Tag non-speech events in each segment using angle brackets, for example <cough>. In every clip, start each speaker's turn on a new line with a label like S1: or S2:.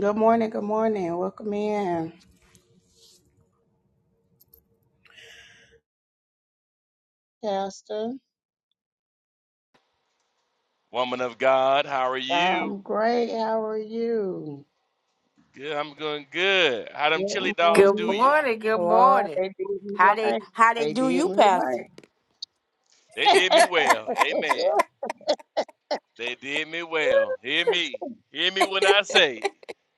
S1: Good morning. Good morning. Welcome in, Pastor.
S2: Woman of God, how are you?
S1: I'm great. How are you?
S2: Good, I'm doing good. How them
S1: Good
S2: chili dogs
S3: Good
S2: do
S1: morning.
S2: you?
S3: morning. Good
S1: Oh,
S3: morning.
S1: they did me
S3: How they
S1: right.
S3: how they
S1: They
S3: do
S1: did
S3: you,
S1: me
S3: Pastor?
S1: right.
S2: They did me well.
S1: <laughs>
S2: Amen. They did me well. Hear me. Hear me when I say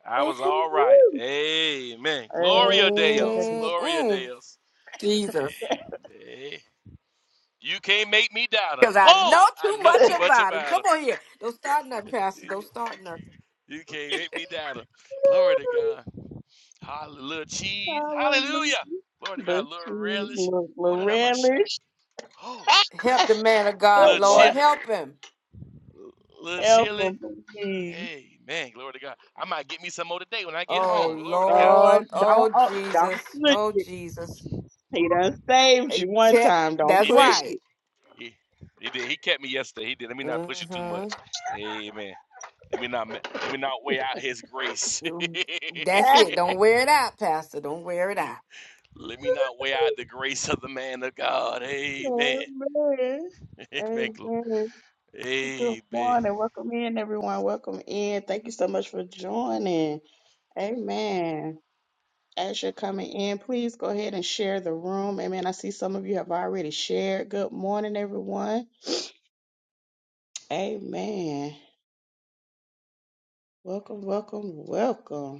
S2: I was all right.
S1: Woo-hoo.
S2: Amen. Gloria
S1: Amen.
S2: Deus. Gloria
S3: Mm-mm.
S2: Deus.
S3: Jesus,
S2: Hey, you can't make me doubt him.
S3: because I know
S2: Oh,
S3: too
S2: I know
S3: much
S1: <laughs>
S2: too much
S3: about him.
S2: about
S3: Come on here. Don't start nothing, Pastor.
S2: him.
S3: Don't start nothing.
S2: You can't make me doubt him. Glory to God. Hallelujah. Cheese.
S1: Hallelujah.
S2: Hallelujah. Glory to
S1: But
S2: God. Little
S1: she's
S2: relish.
S1: Loretta's
S2: Hold it up, my shot. Oh, thank you.
S3: Help the man of God,
S1: no
S2: Little
S3: Lord.
S1: more
S2: chill,
S3: Help him.
S2: little
S1: ever
S2: chilly.
S1: please.
S2: Hey man, glory to God. I might get me some more today when I get
S3: Oh
S2: home. Glory to God.
S1: Oh,
S3: Lord.
S1: don't,
S3: Oh
S1: oh, don't
S3: Jesus.
S1: push
S3: Oh
S1: it.
S3: Jesus.
S1: He done saved
S3: Eh,
S1: you one
S3: check-
S1: time. Don't
S3: That's
S2: He
S1: push
S2: did.
S3: right.
S1: it.
S2: He he did. He kept me yesterday. He did. Let me not push it too much.
S3: Mm-hmm.
S2: Amen. Let me not let me not weigh out his grace. <laughs>
S3: You,
S1: <laughs>
S3: that's it. Don't wear it out, Pastor. Don't wear it out.
S2: let me not weigh out the grace of the man of God. Amen.
S1: Amen.
S2: <laughs> Amen. Glo-
S1: Amen. Good
S2: Amen.
S1: morning. Welcome in, everyone. Welcome in. Thank you so much for joining. Amen. As you're coming in, please go ahead and share the room. Amen. I see some of you have already shared. Good morning, everyone. Amen. Welcome, welcome, welcome.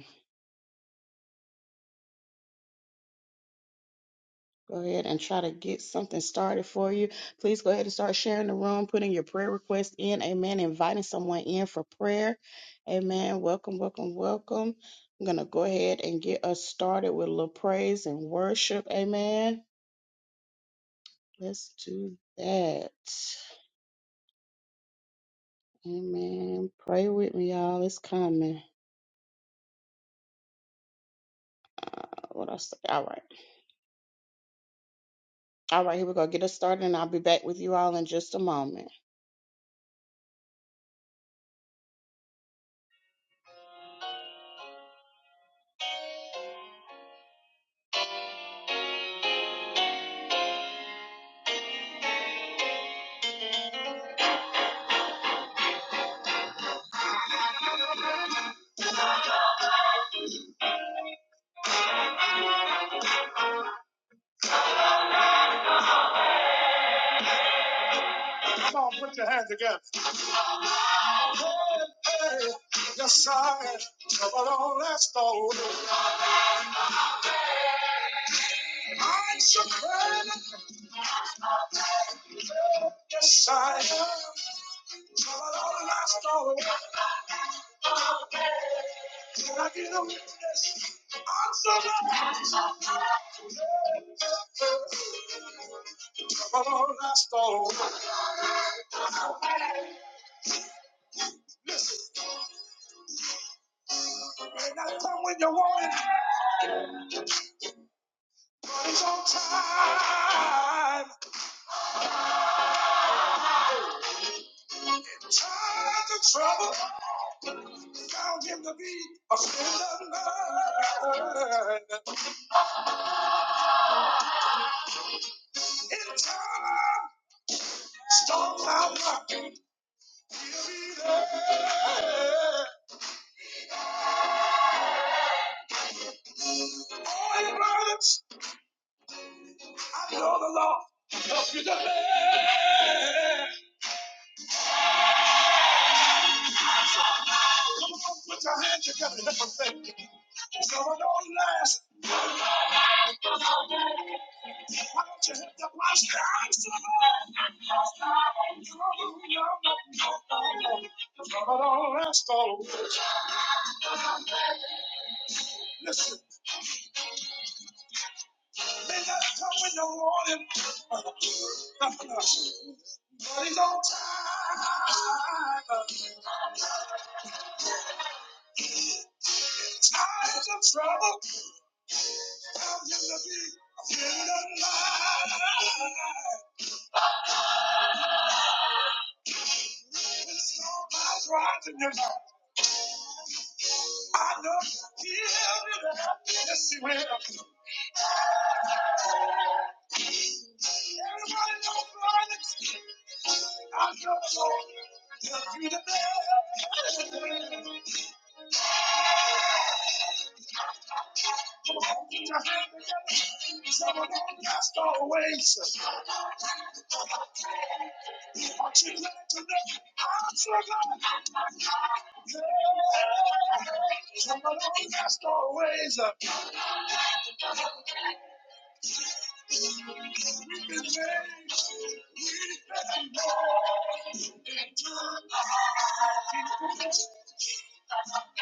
S1: go ahead and try to get something started for you. Please go ahead and start sharing the room, putting your prayer request in. Amen. Inviting someone in for prayer. Amen. Welcome, welcome, welcome. I'm going to go ahead and get us started with a little praise and worship. Amen. Let's do that. Amen. Pray with me, y'all. It's coming. What I say? All right. All right. Here we go. Get us started, and I'll be back with you all in just a moment. Come on, put your hands together. Yes, I am. Trouble on not last all. Yes, I am. Trouble on not last all. Trouble on not last all. May not come when you want it, but it's on time. Time to trouble. Found him to be a friend of mine. In time, storm cloud rock. He'll be there. All your burdens I know the Lord. Help you to live. Come on, put your hands together and thank you. Come on, don't last. Why don't you hit the watch the eyes of the Lord? Come on, don't last all. Listen, may not come when you want him. But he's on time. Times of trouble. Found him to be a friend of mine. I'll rise in your life. I know He will do that. Yes, He will. Everybody knows what I know He'll do the best. Come on, get your hands together. Someone on cast away. Aren't you glad to know? I'm so glad. Yeah. Someone on cast away. We've been made. We've been If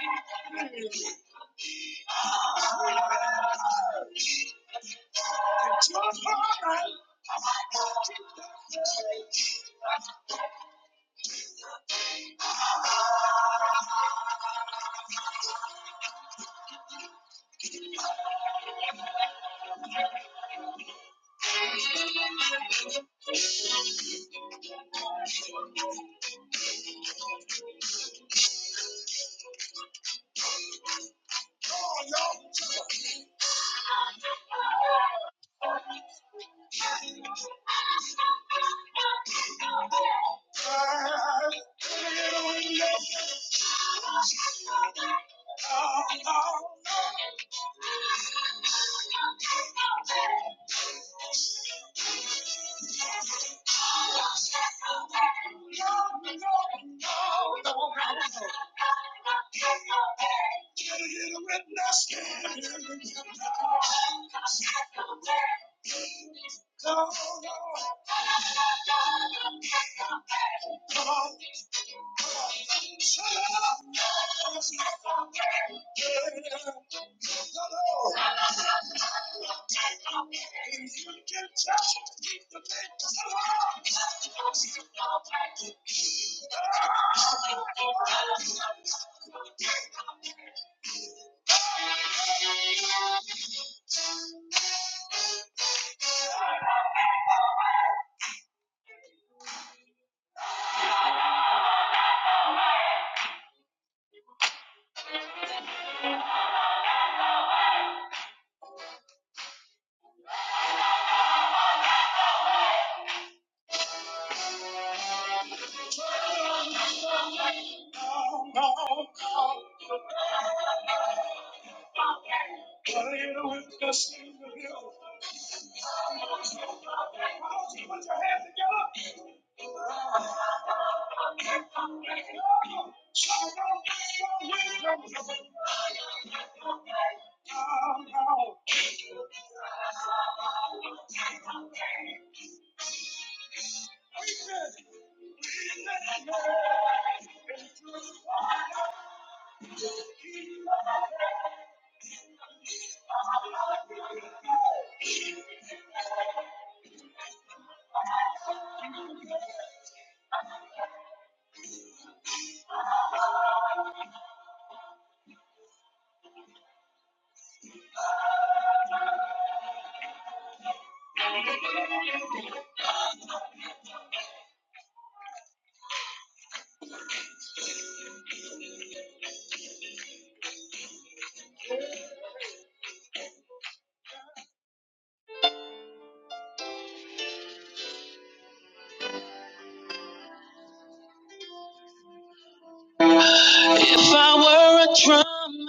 S1: I were a drum,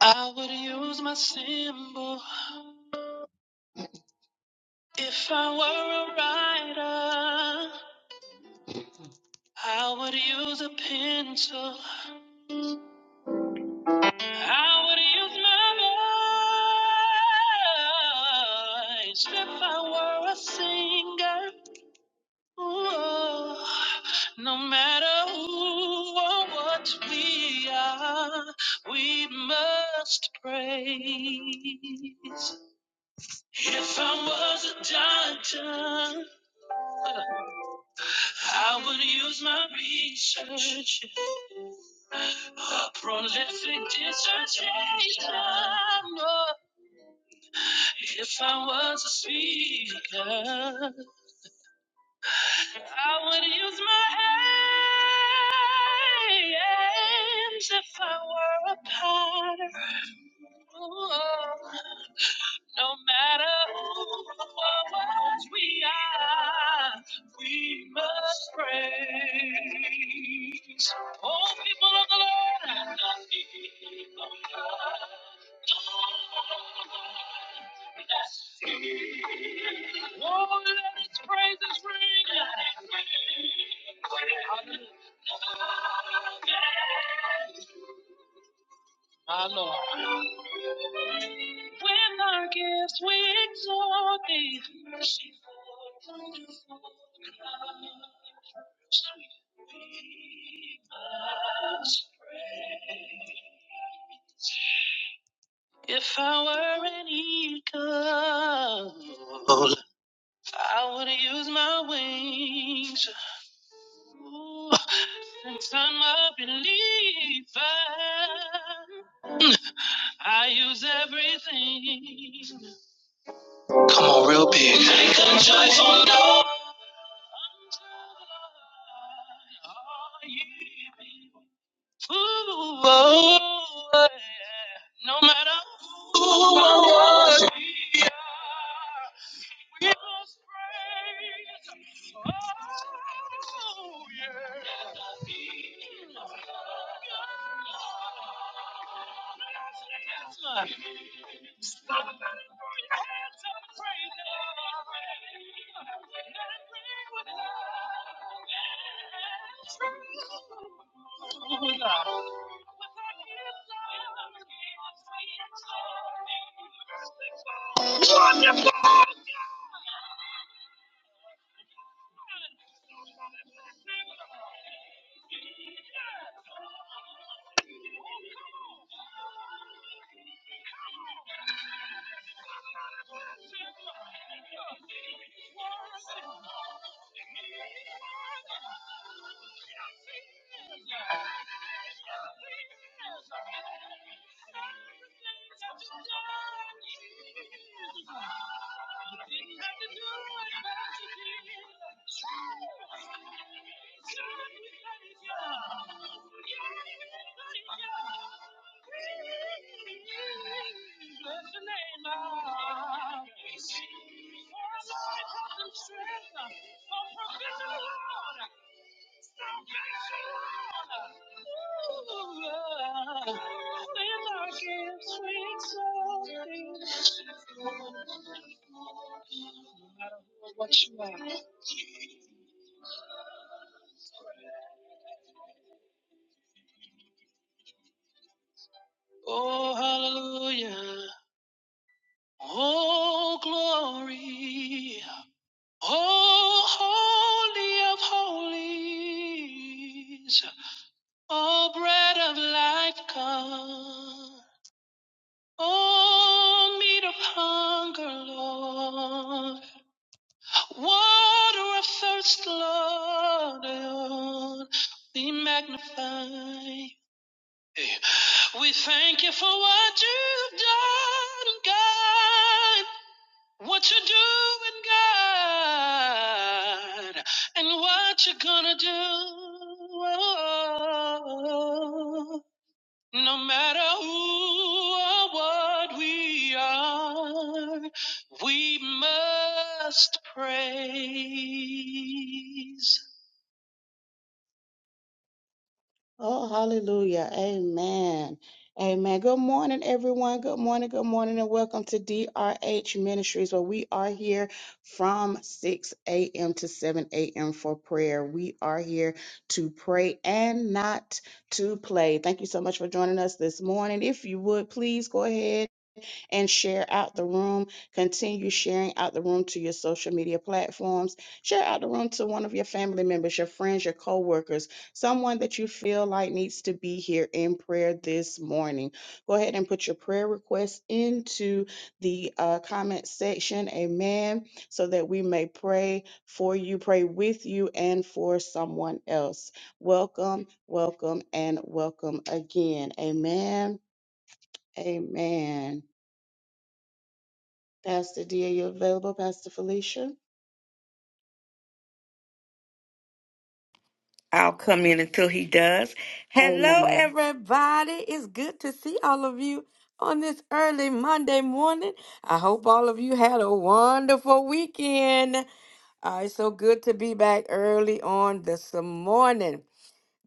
S1: I would use my cymbal. If I were a writer, I would use a pencil. I would use my voice if I were a singer. Ooh, no matter who, what we are, we must praise. If I wasn't, I would use my research. A prolific dissertation. Oh, If I was a speaker, I would use my hands if I were a potter. Ooh, no matter what words we are, we must praise. Oh, people of the Lord. and the people of God, let's sing. Oh, let his praises ring. Let it ring, ring. Hallelujah my Lord. With our gifts we exalt thee. merciful, wonderful God. Sweet thee must praise. If I were an eagle, I would use my wings. Ooh, since I'm a believer, I use everything. Come on, real big. Take a joyful note. Ooh, oh, yeah. No matter who or what we are, we must praise. Oh, yeah. No matter who or what you are. Oh, hallelujah. Oh, glory. Oh, holy of holies. Oh, bread of life, come. Oh, meat of hunger, Lord. Water of thirst, Lord, be magnified. Hey, We thank you for what you've done, God, what you're doing, God, and what you're gonna do. No matter who or what we are, we must praise. Oh, hallelujah. Amen. Amen. Good morning, everyone. Good morning. Good morning, and welcome to DRH Ministries, where we are here from 6 a.m. to 7 a.m. for prayer. We are here to pray and not to play. Thank you so much for joining us this morning. If you would, please go ahead and share out the room. Continue sharing out the room to your social media platforms. Share out the room to one of your family members, your friends, your coworkers, someone that you feel like needs to be here in prayer this morning. Go ahead and put your prayer requests into the uh, comment section. Amen. So that we may pray for you, pray with you, and for someone else. Welcome, welcome, and welcome again. Amen. Amen. Pastor D, are you available? Pastor Felicia?
S3: I'll come in until he does. Hello,
S1: Amen.
S3: everybody. It's good to see all of you on this early Monday morning. I hope all of you had a wonderful weekend. Uh, it's so good to be back early on this morning.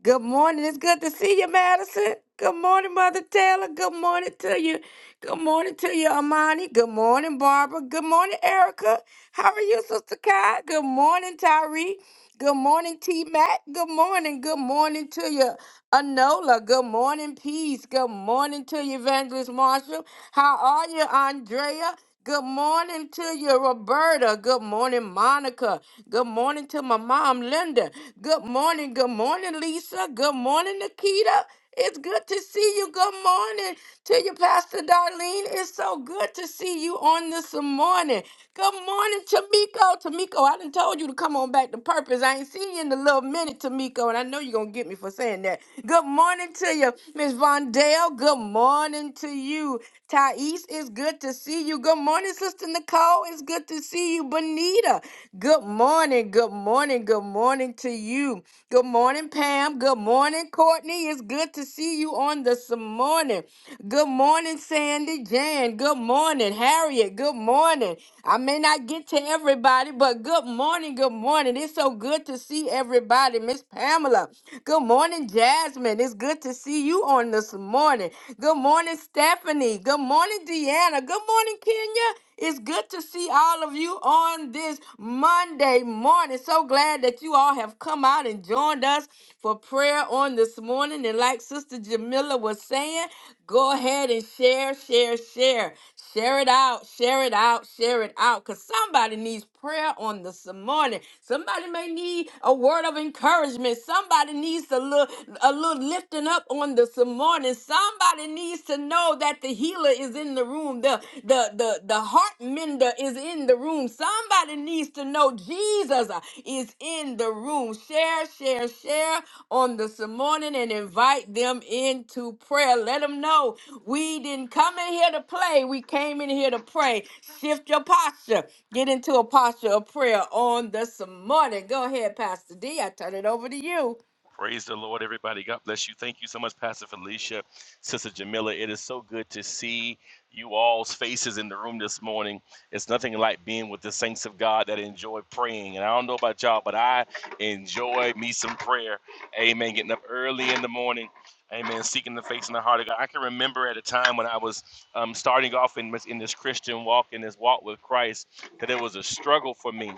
S3: Good morning. It's good to see you, Madison. Good morning, Mother Taylor. Good morning to you. Good morning to you, Amani. Good morning, Barbara. Good morning, Erica. How are you, Sister Kai? Good morning, Tyree. Good morning, T Mac. Good morning. Good morning to you, Anola. Good morning, Peace. Good morning to you, Evangelist Marshall. How are you, Andrea? Good morning to you, Roberta. Good morning, Monica. Good morning to my mom, Linda. Good morning. Good morning, Lisa. Good morning, Nikita. It's good to see you. Good morning to you, Pastor Darlene. It's so good to see you on this morning. Good morning, Tamiko. Tamiko, I done told you to come on back to purpose. I ain't seen you in a little minute, Tamiko, and I know you're gonna get me for saying that. Good morning to you, Miss Vondell. Good morning to you, Thais. It's good to see you. Good morning, Sister Nicole. It's good to see you, Bonita. Good morning, good morning, good morning to you. Good morning, Pam. Good morning, Courtney. It's good to see you on this morning. Good morning, Sandy, Jan. Good morning, Harriet. Good morning. I may not get to everybody, but good morning, good morning. It's so good to see everybody. Miss Pamela. Good morning, Jasmine. It's good to see you on this morning. Good morning, Stephanie. Good morning, Deanna. Good morning, Kenya. It's good to see all of you on this Monday morning. So glad that you all have come out and joined us for prayer on this morning. And like Sister Jamila was saying, go ahead and share, share, share. Share it out, share it out, share it out. Because somebody needs prayer on this morning. Somebody may need a word of encouragement. Somebody needs a little, a little lifting up on this morning. Somebody needs to know that the healer is in the room. The, the, the, the heart mender is in the room. Somebody needs to know Jesus uh, is in the room. Share, share, share on this morning and invite them into prayer. Let them know we didn't come in here to play. We came in here to pray. Shift your posture. Get into a posture of prayer on this morning. Go ahead, Pastor D. I turn it over to you.
S2: Praise the Lord, everybody. God bless you. Thank you so much, Pastor Felicia, Sister Jamila. It is so good to see you all's faces in the room this morning. It's nothing like being with the saints of God that enjoy praying. And I don't know about y'all, but I enjoy me some prayer. Amen. Getting up early in the morning. Amen. Seeking the face and the heart of God. I can remember at a time when I was um, starting off in, in this Christian walk, in this walk with Christ, that it was a struggle for me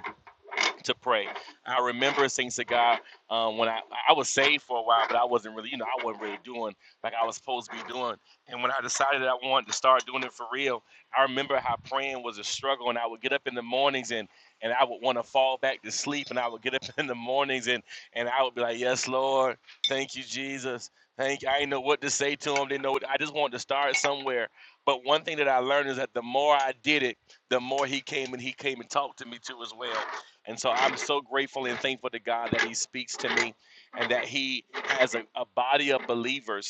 S2: to pray. I remember things to God um, when I I was saved for a while, but I wasn't really, you know, I wasn't really doing like I was supposed to be doing. And when I decided I wanted to start doing it for real, I remember how praying was a struggle, and I would get up in the mornings and and I would want to fall back to sleep, and I would get up <laughs> in the mornings and and I would be like, "Yes, Lord, thank you, Jesus." Thank you. I didn't know what to say to him. Didn't know. What, I just wanted to start somewhere. But one thing that I learned is that the more I did it, the more he came and he came and talked to me too as well. And so I'm so grateful and thankful to God that He speaks to me and that He has a, a body of believers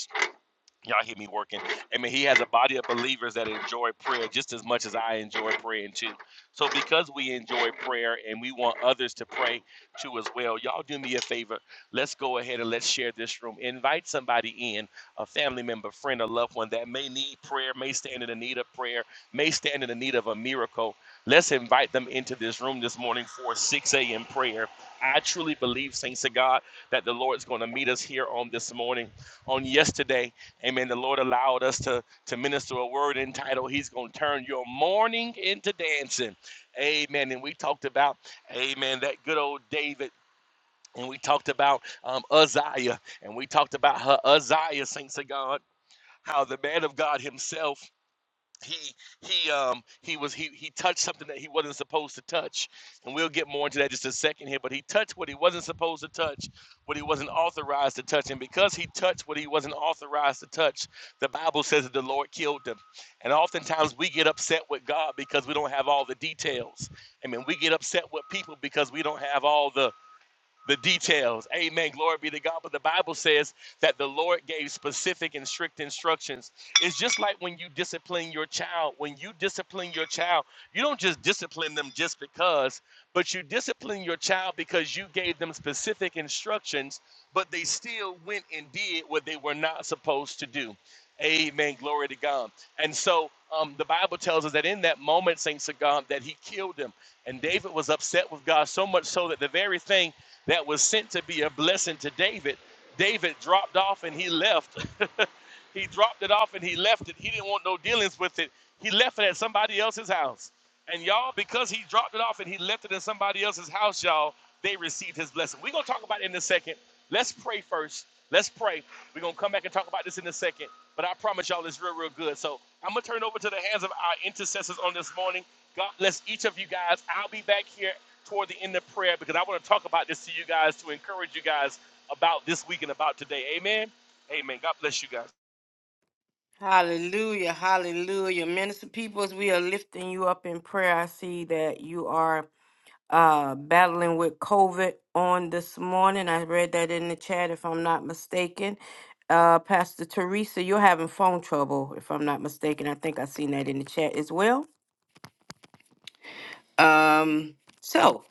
S2: Y'all hear me working. I mean, he has a body of believers that enjoy prayer just as much as I enjoy praying too. So, because we enjoy prayer and we want others to pray too as well, y'all do me a favor. Let's go ahead and let's share this room. Invite somebody in, a family member, friend, a loved one that may need prayer, may stand in the need of prayer, may stand in the need of a miracle. Let's invite them into this room this morning for 6 a.m. prayer. I truly believe, thanks to God, that the Lord's going to meet us here on this morning. On yesterday, Amen. The Lord allowed us to, to minister a word entitled, He's going to turn your mourning into dancing. Amen. And we talked about, amen, that good old David. And we talked about um, Uzziah. And we talked about her Uzziah, saints of God, how the man of God himself he he um he was he he touched something that he wasn't supposed to touch and we'll get more into that just a second here but he touched what he wasn't supposed to touch what he wasn't authorized to touch and because he touched what he wasn't authorized to touch the bible says that the lord killed him and oftentimes we get upset with god because we don't have all the details i mean we get upset with people because we don't have all the the details. Amen. Glory be to God. But the Bible says that the Lord gave specific and strict instructions. It's just like when you discipline your child. When you discipline your child, you don't just discipline them just because, but you discipline your child because you gave them specific instructions, but they still went and did what they were not supposed to do. Amen. Glory to God. And so um, the Bible tells us that in that moment, Saint Sagam, that he killed him. And David was upset with God so much so that the very thing that was sent to be a blessing to David, David dropped off and he left. <laughs> he dropped it off and he left it. He didn't want no dealings with it. He left it at somebody else's house. And y'all, because he dropped it off and he left it in somebody else's house, y'all, they received his blessing. We're going to talk about it in a second. Let's pray first. Let's pray. We're gonna come back and talk about this in a second. But I promise y'all it's real, real good. So I'm gonna turn it over to the hands of our intercessors on this morning. God bless each of you guys. I'll be back here toward the end of prayer because I want to talk about this to you guys to encourage you guys about this week and about today. Amen. Amen. God bless you guys.
S3: Hallelujah. Hallelujah. Minister Peoples, we are lifting you up in prayer. I see that you are uh, battling with COVID on this morning. I read that in the chat, if I'm not mistaken. Uh, Pastor Teresa, you're having phone trouble, if I'm not mistaken. I think I seen that in the chat as well. Um, so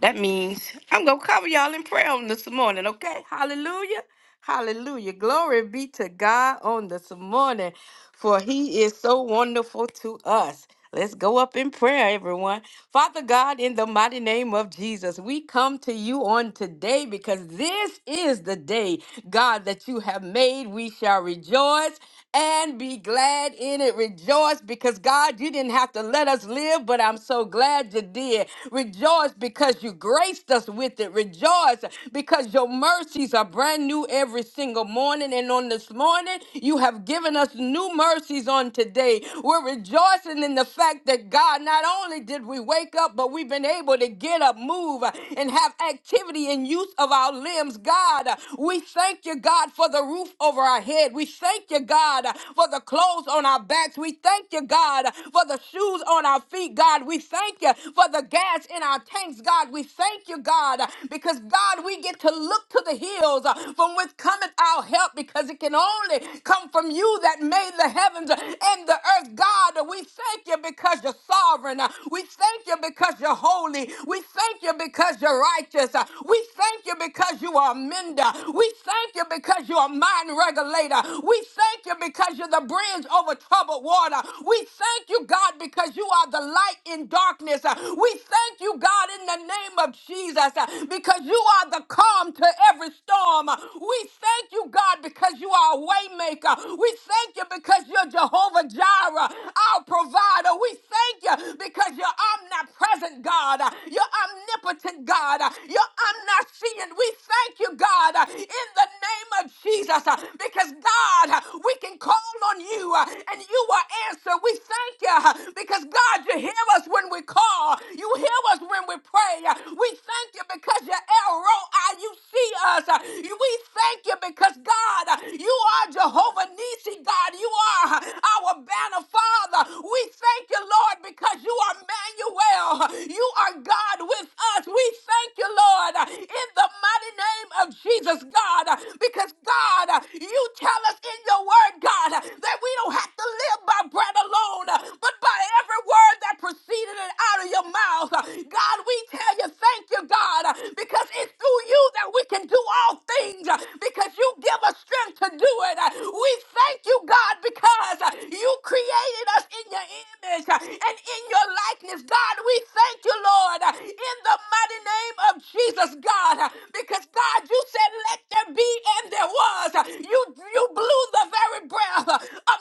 S3: that means I'm going to cover y'all in prayer on this morning, okay? Hallelujah. Hallelujah. Glory be to God on this morning, for he is so wonderful to us. Let's go up in prayer, everyone. Father God, in the mighty name of Jesus, we come to you on today because this is the day, God, that you have made. We shall rejoice and be glad in it. Rejoice because, God, you didn't have to let us live, but I'm so glad you did. Rejoice Rejoice because you graced us with it. Rejoice because your mercies are brand new every single morning. And on this morning, you have given us new mercies on today. We're rejoicing in the fact that God, not only did we wake up, but we've been able to get up, move, uh, and have activity and use of our limbs. God, uh, we thank you, God, for the roof over our head. We thank you, God, uh, for the clothes on our backs. We thank you, God, uh, for the shoes on our feet. God, we thank you for the gas in our tanks, God. We thank you, God, because God, we get to look to the hills uh, from which cometh our help because it can only come from you that made the heavens and the earth. God, we thank you because you're sovereign. We thank you because you're holy. We thank you because you're righteous. We thank you because you are a mender. We thank you because you are a mind regulator. We thank you because you're the bridge over troubled water. We thank you, God, because you are the light in darkness darkness. Uh, We thank you, God, in the name of Jesus, uh, because you are the calm to every storm. Uh, We thank you, God, because you are a waymaker. We thank you because you're Jehovah Jireh, our provider. We thank you because you're omnipresent, God. Uh, You're omnipotent, God. Uh, You're omniscient. We thank you, God, uh, in the name of Jesus, uh, because God, uh, we can call on you uh, and you will answer. We thank you uh, because God, you hear hear us when we call. You hear us when we pray. We thank you because you're El Roi. You see us. We thank you because, God, you are Jehovah Nissi. God. You are our banner, Father. We thank you, Lord, because you are Emmanuel. You are God with us. We thank you, Lord, in the mighty name of Jesus, God, because, God, you tell us in your word, God, that we don't have to live by bread alone, but by every every word that proceeded out of your mouth. God, we tell you, thank you, God, because it's through you that we can do all things, because you give us strength to do it. We thank you, God, because you created us in your image and in your likeness. God, we thank you, Lord, in the mighty name of Jesus, God, because God, you said, let there be, and there was. You, you blew the very breath of,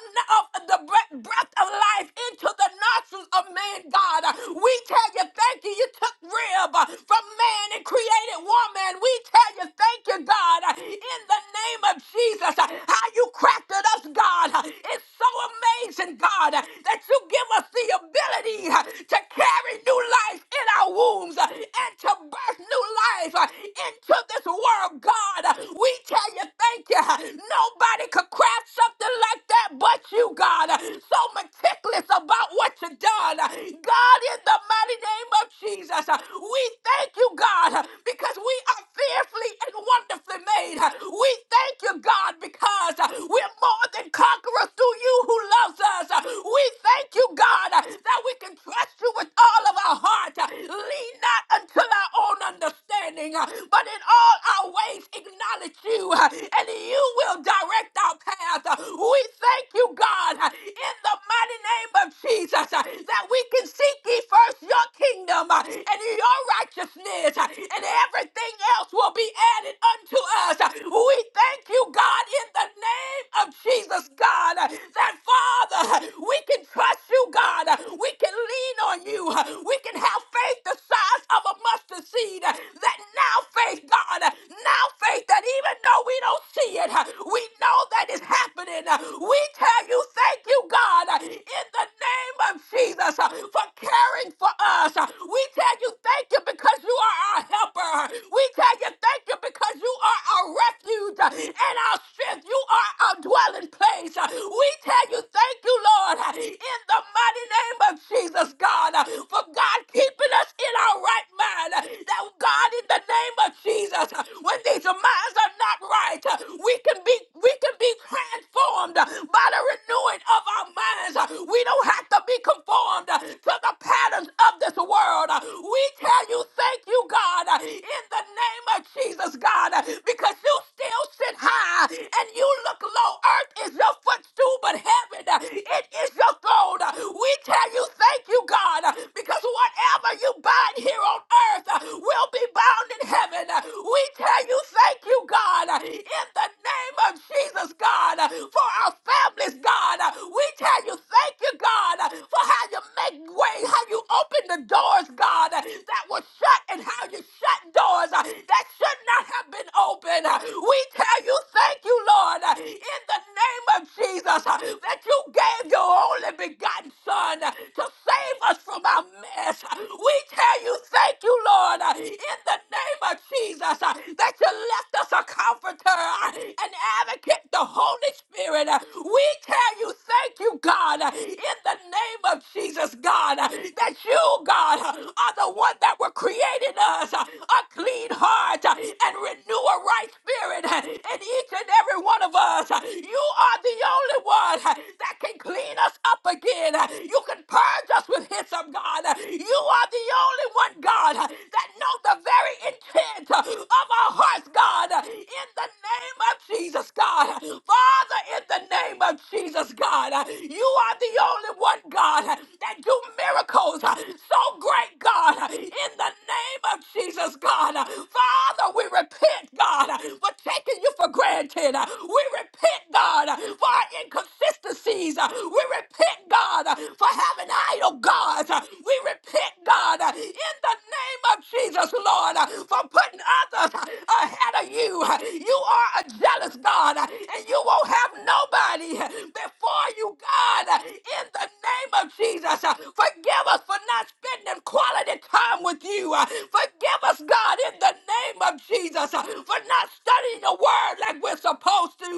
S3: of the breath breath of life into the nostrils of man, God. We tell you thank you. You took rib from man and created woman. We tell you thank you, God, in the name of Jesus. How you crafted us, God. It's so amazing, God, that you give us the ability to carry new life in our wombs and to birth new life into this world, God. We tell you thank you. Nobody could craft something like that but you, God. So a about what you've done. God, in the mighty name of Jesus, we thank you, God, because we are fearfully and wonderfully made. We thank you, God, because we're more than conquerors through you who loves us. We thank you, God, that we can trust you with all of our heart. Lean not unto our own understanding, but in all our ways acknowledge you, and you will direct our path. We thank you, God, in the mighty name of Jesus uh, that we can seek ye first your kingdom uh, and your righteousness uh, and everything else will be added unto us. Uh, We thank you, God, in the name of Jesus, God, uh, that Father, uh, we can trust you, God. Uh, We can lean on you. Uh, We can have faith the size of a mustard seed. uh, That now faith, God, uh, now faith that even though we don't see it, uh, we know that it's happening. Uh, We tell tell you thank you, God, uh, in the name of Jesus uh, for caring for us. Uh, We tell you thank you because you are our helper. Uh, We tell you thank you because you are our refuge uh, and our strength. You are our dwelling place. Uh, We tell you thank you, Lord, uh, in the mighty name of Jesus, God, uh, for God keeping us in our right mind. Uh, That God, in the name of Jesus, uh, when these minds are not right, uh, we can be we can be transformed transformed by the renewing of our minds. We don't have to be conformed to the patterns of this world. We tell you, thank you, God, in the name of Jesus, God, because you still sit high and you look low. Earth is your footstool, but heaven, it is your throne. We tell you, thank you, God, because whatever you bind here on earth will be bound in heaven. We tell you, thank you, God, in the name of Jesus, God for our families, God. We tell you thank you, God, for how you make way, how you open the doors, God, that were shut and how you shut doors that should not have been open. We tell you thank you, Lord, in the name of Jesus, that you gave your only begotten Son to save us from our mess. We tell you thank you, Lord, in the name of Jesus, that you left us a comforter, an advocate, the Holy Spirit. Uh, We tell you, thank you, God, uh, in the name of Jesus, God, uh, that you, God, uh, are the one that were creating us uh, a clean heart uh, and renew a right spirit uh, in each and every one of us. Uh, You are the only one uh, that can clean us up again. Uh, You can purge us with hyssop, God. Uh, You are the only one, God, uh, that know the very intent uh, of our hearts, God, uh, in the name of Jesus. Jesus, God. Father, in the name of Jesus, God, you are the only one, God, that do miracles so great, God. In the name of Jesus, God. Father, we repent, God, for taking you for granted. We repent, God, for our inconsistencies. We repent, God, for having idol gods. We repent, God, in the name of Jesus, Lord, for putting others ahead of you. You are are a jealous God, and you won't have nobody before you, God, in the name of Jesus. Forgive us for not spending quality time with you. Forgive us, God, in the name of Jesus, for not studying the word like we're supposed to.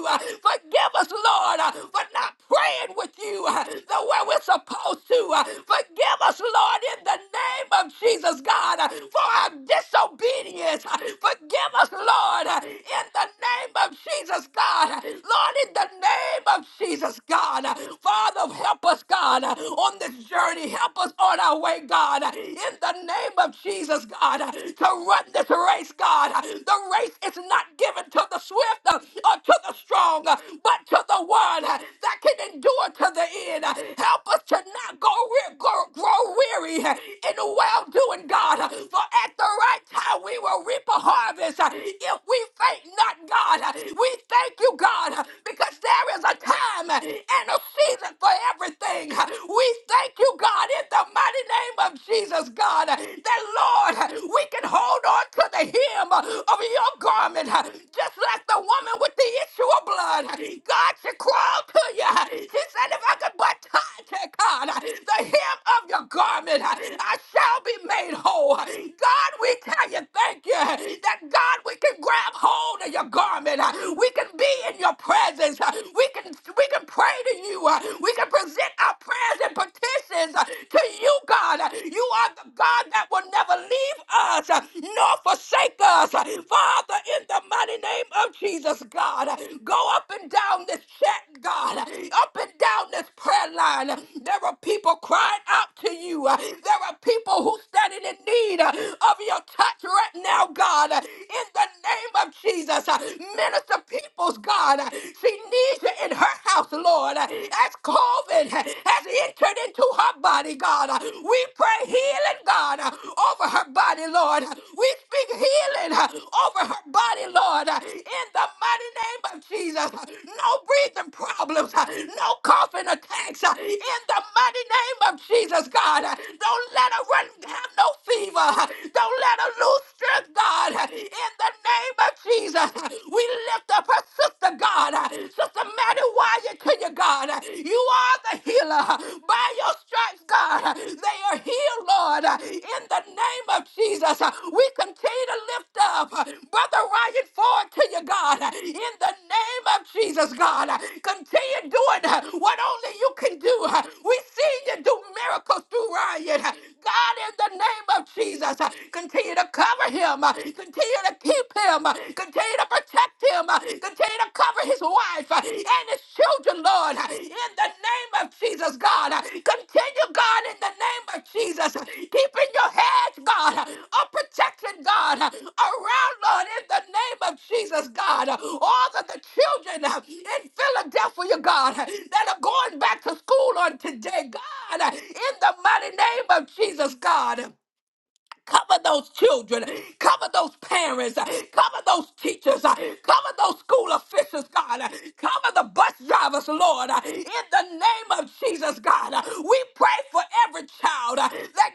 S3: Forgive us, Lord, for not praying with you the way we're supposed to. Forgive us, Lord, in the name of Jesus, God, for our disobedience. Forgive us, Lord, in the name of Jesus, God. Lord, in the name of Jesus, God. Father, help us, God, on this journey. Help us on our way, God. In the name of Jesus, God, to run this race, God. The race is not given to the swift or to the strong, but to the one that can endure to the end. Help us to not go, weary, grow, grow weary in well doing, God. For at the right time, we will reap a harvest if we faint not, God. We thank you, God, because there is a time and a season for everything. We thank you, God, in the mighty name of Jesus, God, that, Lord, we can hold on to the hem of your garment, just just like the woman with the issue of blood, God she crawl to you. She said, if I could but touch it, God, the hem of your garment, I shall be made whole. God, we tell you thank you that God, we can grab hold of your garment. We can be in your presence. We can we can pray to you. We can present our prayers and petitions this is uh, to you, God. You are the God that will never leave us uh, nor forsake us. Father, in the mighty name of Jesus, God, go up and down this chat, God, up and down this prayer line. There are people crying out to you. There are people who standing in need uh, of your touch right now, God. In the name of Jesus, uh, minister people's God. She needs you in her house, Lord. Lord, uh, as COVID uh, has entered into her body, God, uh, we pray healing, God, uh, over her body, Lord. We speak healing uh, over her body, Lord, uh, in the mighty name of Jesus. No breathing problems, uh, no coughing attacks, uh, in the mighty name of Jesus, God. Don't let her run, have no fever. Don't let her lose strength, God. In the name of Jesus, we lift lift up her sister, God. Sister Maddie Wire to you, God. You are the healer. By your stripes, God, they are healed, Lord. In the name of Jesus, we continue to lift up Brother Ryan Ford to you, God. In the name of Jesus, God, continue doing what only you can do. We see you do miracles through Ryan. God, in the name of Jesus, continue to cover him. continue Continue to keep him. uh, Continue to protect him. uh, Continue to cover his wife uh, and his children, Lord. uh, In the name of Jesus, God. uh, Continue, God, in the name of Jesus. uh, Keeping your hedge, God, uh, of protection, God, uh, around, Lord, in the name of Jesus, God. uh, All of the children uh, in Philadelphia, God, uh, that are going back to school on today, God. uh, In the mighty name of Jesus, God. Cover those children. Cover those parents. Cover those teachers. Cover those school officials, God. Cover the bus drivers, Lord. In the name of Jesus, God. We pray for every child that,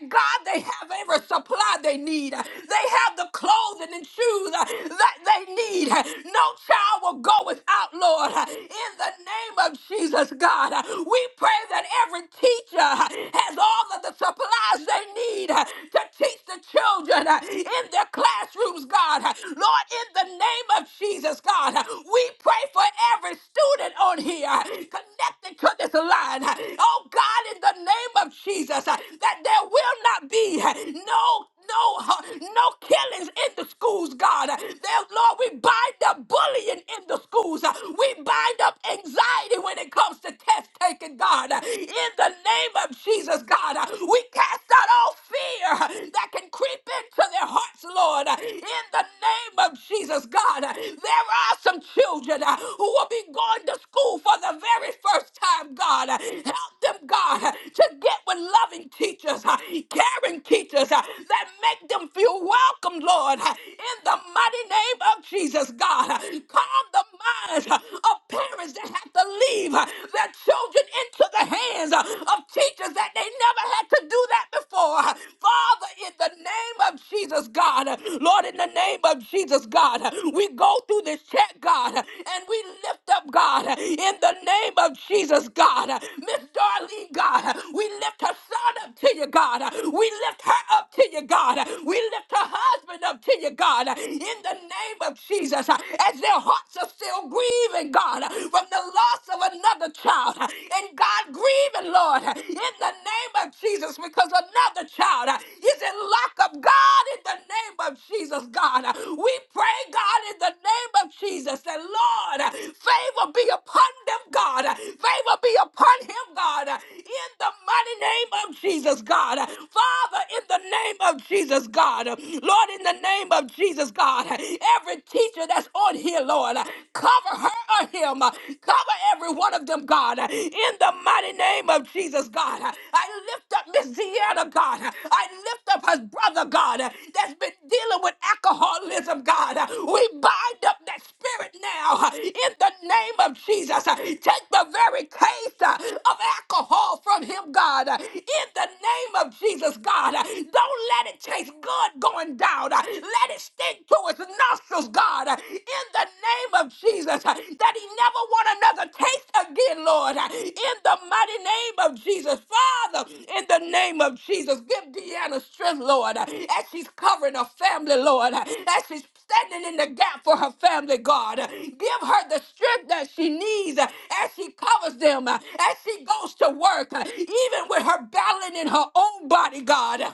S3: God, they have every supply they need. They have the clothing and shoes that they need. No child will go without, Lord. In the name of Jesus, God. We pray that every teacher has all of the supply supplies they need uh, to teach the children uh, in their classrooms, God. Uh, Lord, in the name of Jesus, God, uh, we pray for every student on here uh, connected to this line. Uh, Oh, God, in the name of Jesus, uh, that there will not be uh, no no uh, no killings in the schools, God. Uh, There, Lord, we bind up bullying in the schools. Uh, We bind up anxiety when it comes to test taking, God. Uh, In in the name of Jesus, God. Uh, We cast out all fear that can creep into their hearts, Lord, Uh, in the name of Jesus, God. uh, There are some children uh, who will be going to school for the very first time, God. Uh, Help them, God, uh, to get with loving teachers, uh, caring teachers uh, that make them feel welcome, Lord, uh, in the mighty name of Jesus, God. Uh, Calm the minds uh, of parents that have to leave gave uh, their children into the hands uh, of teachers that they never had to do that before. Father, in the name of Jesus, God, uh, Lord, in the name of Jesus, God, uh, we go through this check, God, uh, and we lift up, God, uh, in the name of Jesus, God, uh, Miss Darlene, God, uh, we lift her son up to you, God, uh, we lift her up to you, God, uh, we lift her husband up to you, God, uh, in the name of Jesus, uh, as their hearts are still still grieving, God, from the loss of another child. And God, grieving, Lord, in the name of Jesus, because another child is in lockup. God, in the name of Jesus, God, we pray, God, in the name of Jesus, that Lord, favor be upon them, God. Favor be upon him, God, in the mighty name of Jesus, God. Father, in the name of Jesus, God. Lord, in the name of Jesus, God. Every every teacher that's on here, Lord. Cover her or him. Cover every one of them, God. In the mighty name of Jesus, God. I lift up Miss Deanna, God. I lift up her brother, God, that's been dealing with alcoholism, God. We bind up that spirit now in the name of Jesus. Take the very case of alcohol from him, God. God. In the name of Jesus, God, don't let it taste good going down. Let it stick to its nostrils, God. In the name of Jesus, that he never want another taste again, Lord. In the mighty name of Jesus, Father. In the name name of Jesus. Give Deanna strength, Lord, as she's covering her family, Lord, as she's standing in the gap for her family, God. Give her the strength that she needs as she covers them, as she goes to work, even with her battling in her own body, God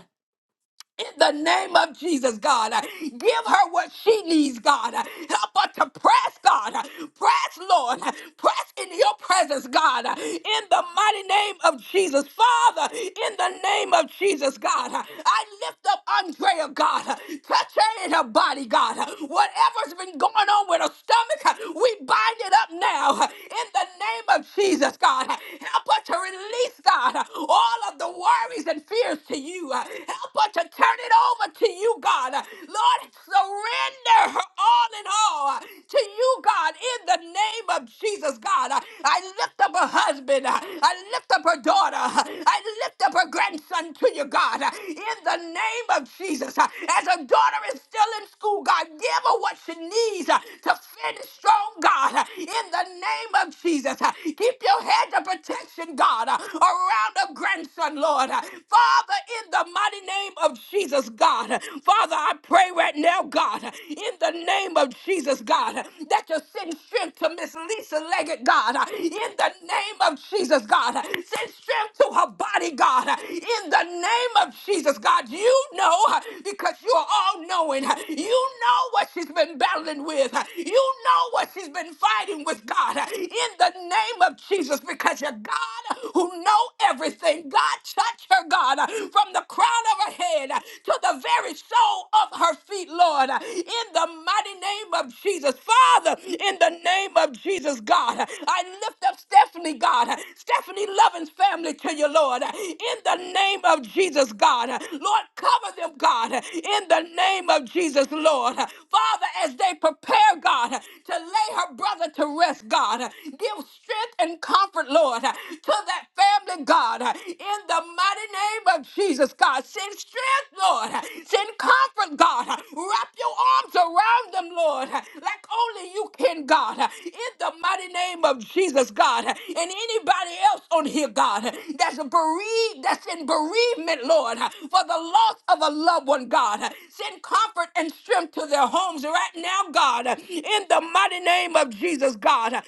S3: in the name of Jesus, God. uh, Give her what she needs, God. Uh, Help her to press, God. Uh, Press, Lord. Uh, Press in your presence, God. Uh, In the mighty name of Jesus. Father, in the name of Jesus, God. uh, I lift up Andrea, God. Uh, Touch her in her body, God. Uh, Whatever's been going on with her stomach, uh, we bind it up now. Uh, In the name of Jesus, God. uh, Help her to release, God, uh, all of the worries and fears to you. Uh, Help but to turn it over to you, God. Lord, surrender her all in all to you, God, in the name of Jesus, God. I lift up her husband. I lift up her daughter. I lift up her grandson to you, God, in the name of Jesus. As her daughter is still in school, God, give her what she needs to finish strong, God, in the name of Jesus. Keep your hedge of protection, God, around her grandson, Lord. Father, in the mighty mighty name of Jesus, God. Father, I pray right now, God, in the name of Jesus, God, that you send strength to Miss Lisa Leggett, God, in the name of Jesus, God. Send strength to her body, God, in the name of Jesus, God. You know, because you are all knowing, you know what she's been battling with, you know what she's been fighting with, God, in the name of Jesus, because you're God who know everything. God, touch her, God, from the crown of her head uh, to the very sole of her feet, Lord, uh, in the mighty name of Jesus. Father, in the name of Jesus, God, uh, I lift up Stephanie, God, uh, Stephanie Lovin's family to you, Lord, uh, in the name of Jesus, God. Uh, Lord, cover them, God, uh, in the name of Jesus, Lord. Uh, Father, as they prepare, God, uh, to lay her brother to rest, God, uh, give strength and comfort, Lord, uh, to that family, God, uh, in the mighty name of Jesus. Jesus, God. Send strength, Lord. Send comfort, God. Wrap your arms around them, Lord, like only you can, God. In the mighty name of Jesus, God. And anybody else on here, God, that's bereaved, that's in bereavement, Lord, for the loss of a loved one, God. Send comfort and strength to their homes right now, God. In the mighty name of Jesus, God. Lord,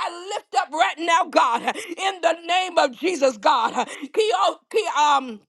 S3: I lift up right now, God. In the name of Jesus, God. Kio, ki, um,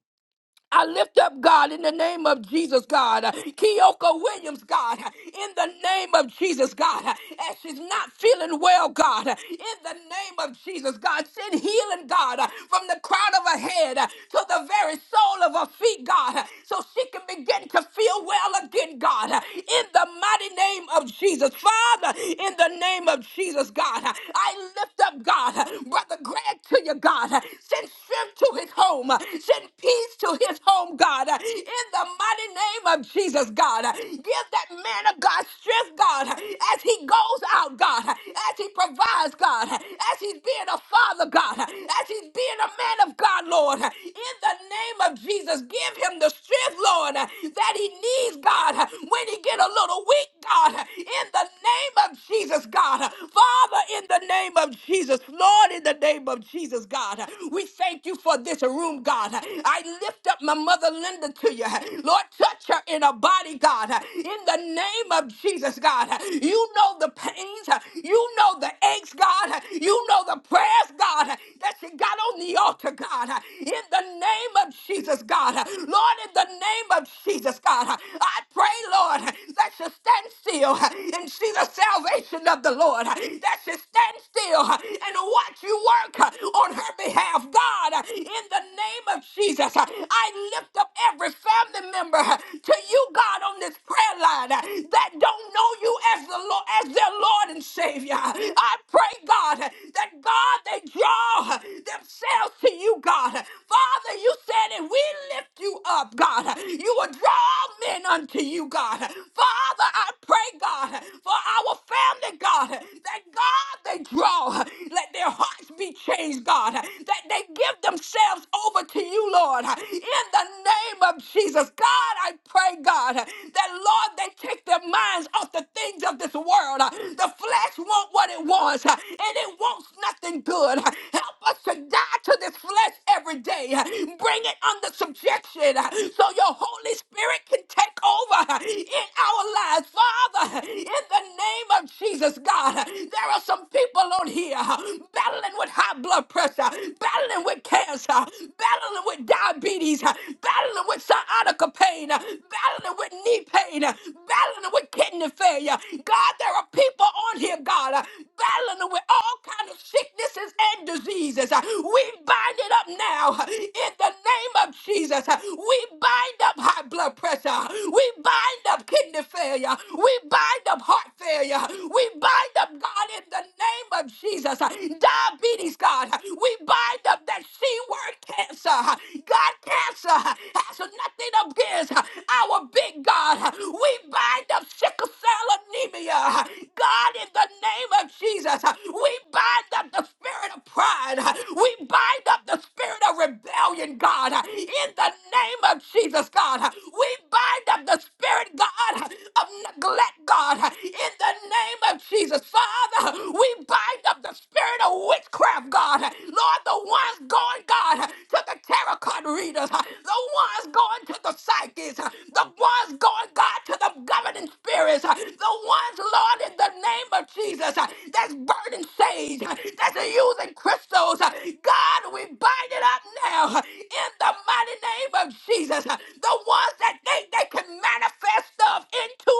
S3: I lift up, God, in the name of Jesus, God, Keoka Williams, God, in the name of Jesus, God, as she's not feeling well, God, in the name of Jesus, God, send healing, God, from the crown of her head to the very sole of her feet, God, so she can begin to feel well again, God, in the mighty name of Jesus. Father, in the name of Jesus, God, I lift up, God, Brother Greg to you, God, send strength to his home, home. Send peace to his home, God. In the mighty name of Jesus, God. Give that man of God strength, God, as he goes out, God, as he provides, God, as he's being a father, God, as he's being a man of God, Lord. In the name of Jesus, give him the strength, Lord, that he needs, God, when he get a little weak, God. In the name of Jesus, God. Father, in the name of Jesus, Lord, in the name of Jesus, God. We thank you for this room, God. I lift up my mother Linda to you. Lord, touch her in her body, God. In the name of Jesus, God. You know the pains. You know the aches, God. You know the prayers, God, that she got on the altar, God. In the name of Jesus, God. Lord, in the name of Jesus, God. I pray, Lord, that she stand still and see the salvation of the Lord. That she stand still and watch that you work uh, on her behalf, God, uh, in the name of Jesus. uh, I lift up every family member uh, to you, God, on this prayer line uh, that don't know you as the Lord, as their Lord and Savior. I pray, God, uh, that God they draw uh, themselves to you, God. Father, you said if we lift you up, God, uh, you will draw men unto you, God. Father, I pray, God, for our family, God, that God they they draw, let their hearts be changed, God, that they give themselves over to you, Lord, in the name of Jesus. God, I pray, God, that, Lord, they take their minds off the things of this world. The flesh wants what it wants, and it wants nothing good. Help us to die to this flesh every day. Bring it under subjection so your Holy Spirit can take over in our lives. Father, in the name of Jesus, God, there are some people on here battling with high blood pressure, battling with cancer, battling with diabetes, battling with sciatica pain, battling with knee pain, battling with kidney failure. God, there are people on here, God, battling with all kinds of sicknesses and diseases. We bind it up now in the name of Jesus. We bind up high blood pressure. We bind up kidney failure. We bind up heart failure. We bind up, God, in the name of Jesus. uh, Diabetes, God. We bind up that C word cancer. God, cancer has nothing against our big God. We bind up sickle cell anemia. God, in the name of Jesus, we bind up the spirit of pride. We bind up the spirit of rebellion, God. In the name of Jesus, God, we bind up the spirit, God God, of neglect, God, in the name of Jesus. Father, we bind up the spirit of witchcraft, God. Lord, the ones going, God, to the tarot card readers, the ones going to the psychics, the ones going, God, to the governing spirits, the ones, Lord, in the name of Jesus, that's burning sage, that's using crystals. God, we bind it up now in the mighty name of Jesus. The ones that everything they they can manifest stuff into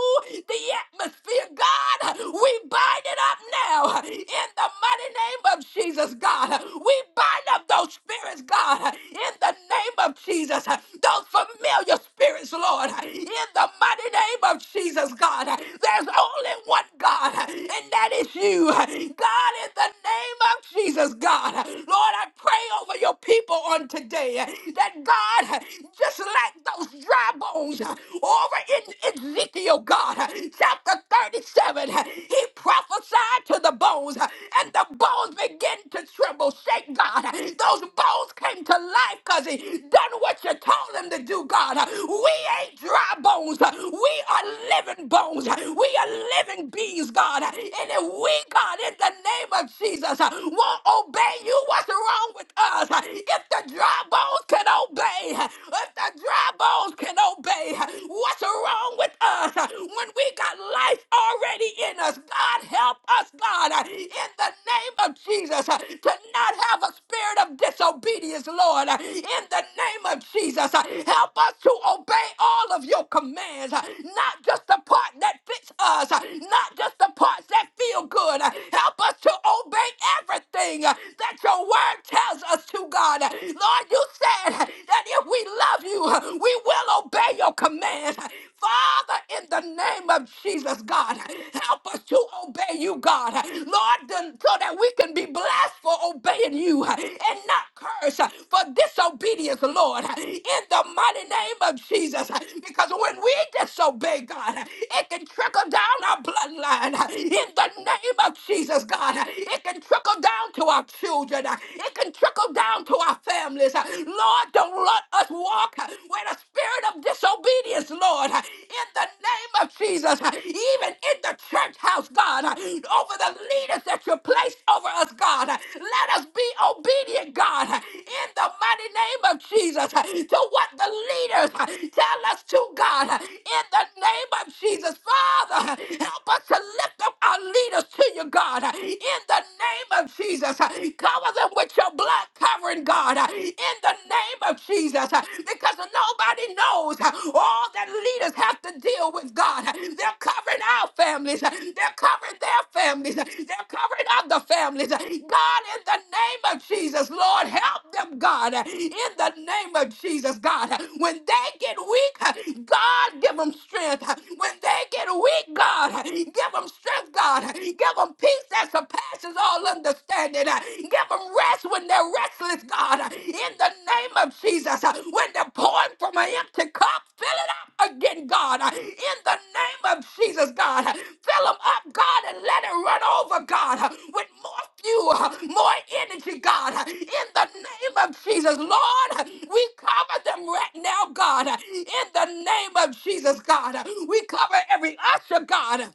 S3: the atmosphere. God, we bind it up now in the mighty name of Jesus, God. We bind up those spirits, God, in the name of Jesus, those familiar spirits, Lord, in the mighty name of Jesus, God. There's only one God, and that is you, God, in the name of Jesus, God. Lord, I pray over your people on today that God, just like those dry bones uh, over in Ezekiel, God, uh, chapter 37. uh, He prophesied to the bones, uh, and the bones began to tremble. Shake, God. uh, Those bones came to life because he done what you told him to do, God. Uh, We ain't dry bones. uh, We are living bones. We are living beings, God. And if we, God, in the name of Jesus, won't obey you, what's wrong with us? If the dry bones can obey, if the dry bones can obey, what's wrong with us? When we got life already in us, God, help us, God, in the name of Jesus, to not have a spirit spirit of disobedience, Lord, uh, in the name of Jesus. uh, Help us to obey all of your commands, uh, not just the part that fits us, uh, not just the parts that feel good. uh, Help us to obey everything uh, that your word tells us to, God. Uh, Lord, you said uh, that if we love you, uh, we will obey your commands. Father, in the name of Jesus, God, help us to obey you, God. Lord, then- so that we can be blessed for obeying you and not cursed for disobedience, Lord, in the mighty name of Jesus. Because when we disobey God, it can trickle down our bloodline in the name of Jesus, God. It can trickle down to our children, it can trickle down to our families. Lord, don't let us walk with a spirit of disobedience, Lord, in the name of Jesus, even in the church house, God, over the leaders that you placed over us, God. Let us be obedient, God, in the mighty name of Jesus, to what the leaders tell us to, God, in the name of Jesus. Father, help us to lift up our leaders to you, God, in the name of Jesus. Cover them with your blood, that covering, God, uh, in the name of Jesus, uh, because nobody knows uh, all that leaders have to deal with, God. Uh, They're covering our families, uh, they're covering their families, uh, they're covering other families. Uh, God, in the name of Jesus, Lord, help them, God, uh, in the name of Jesus, God. Uh, When they get weak, uh, God, give them strength. Uh, When they get weak, God, uh, give them strength, God. Uh, Give them peace that surpasses passes all understanding. Uh, Give them rest when they're restless, God. Uh, In the name of Jesus, Uh, when they're pouring from an empty cup, fill it up again, God. Uh, In the name of Jesus, God, Uh, fill them up, God, and let it run over, God, uh, with more fuel, uh, more energy, God. Uh, In the name of Jesus, Lord, uh, we cover them right now, God. Uh, In the name of Jesus, God, Uh, we cover every usher, God. Uh,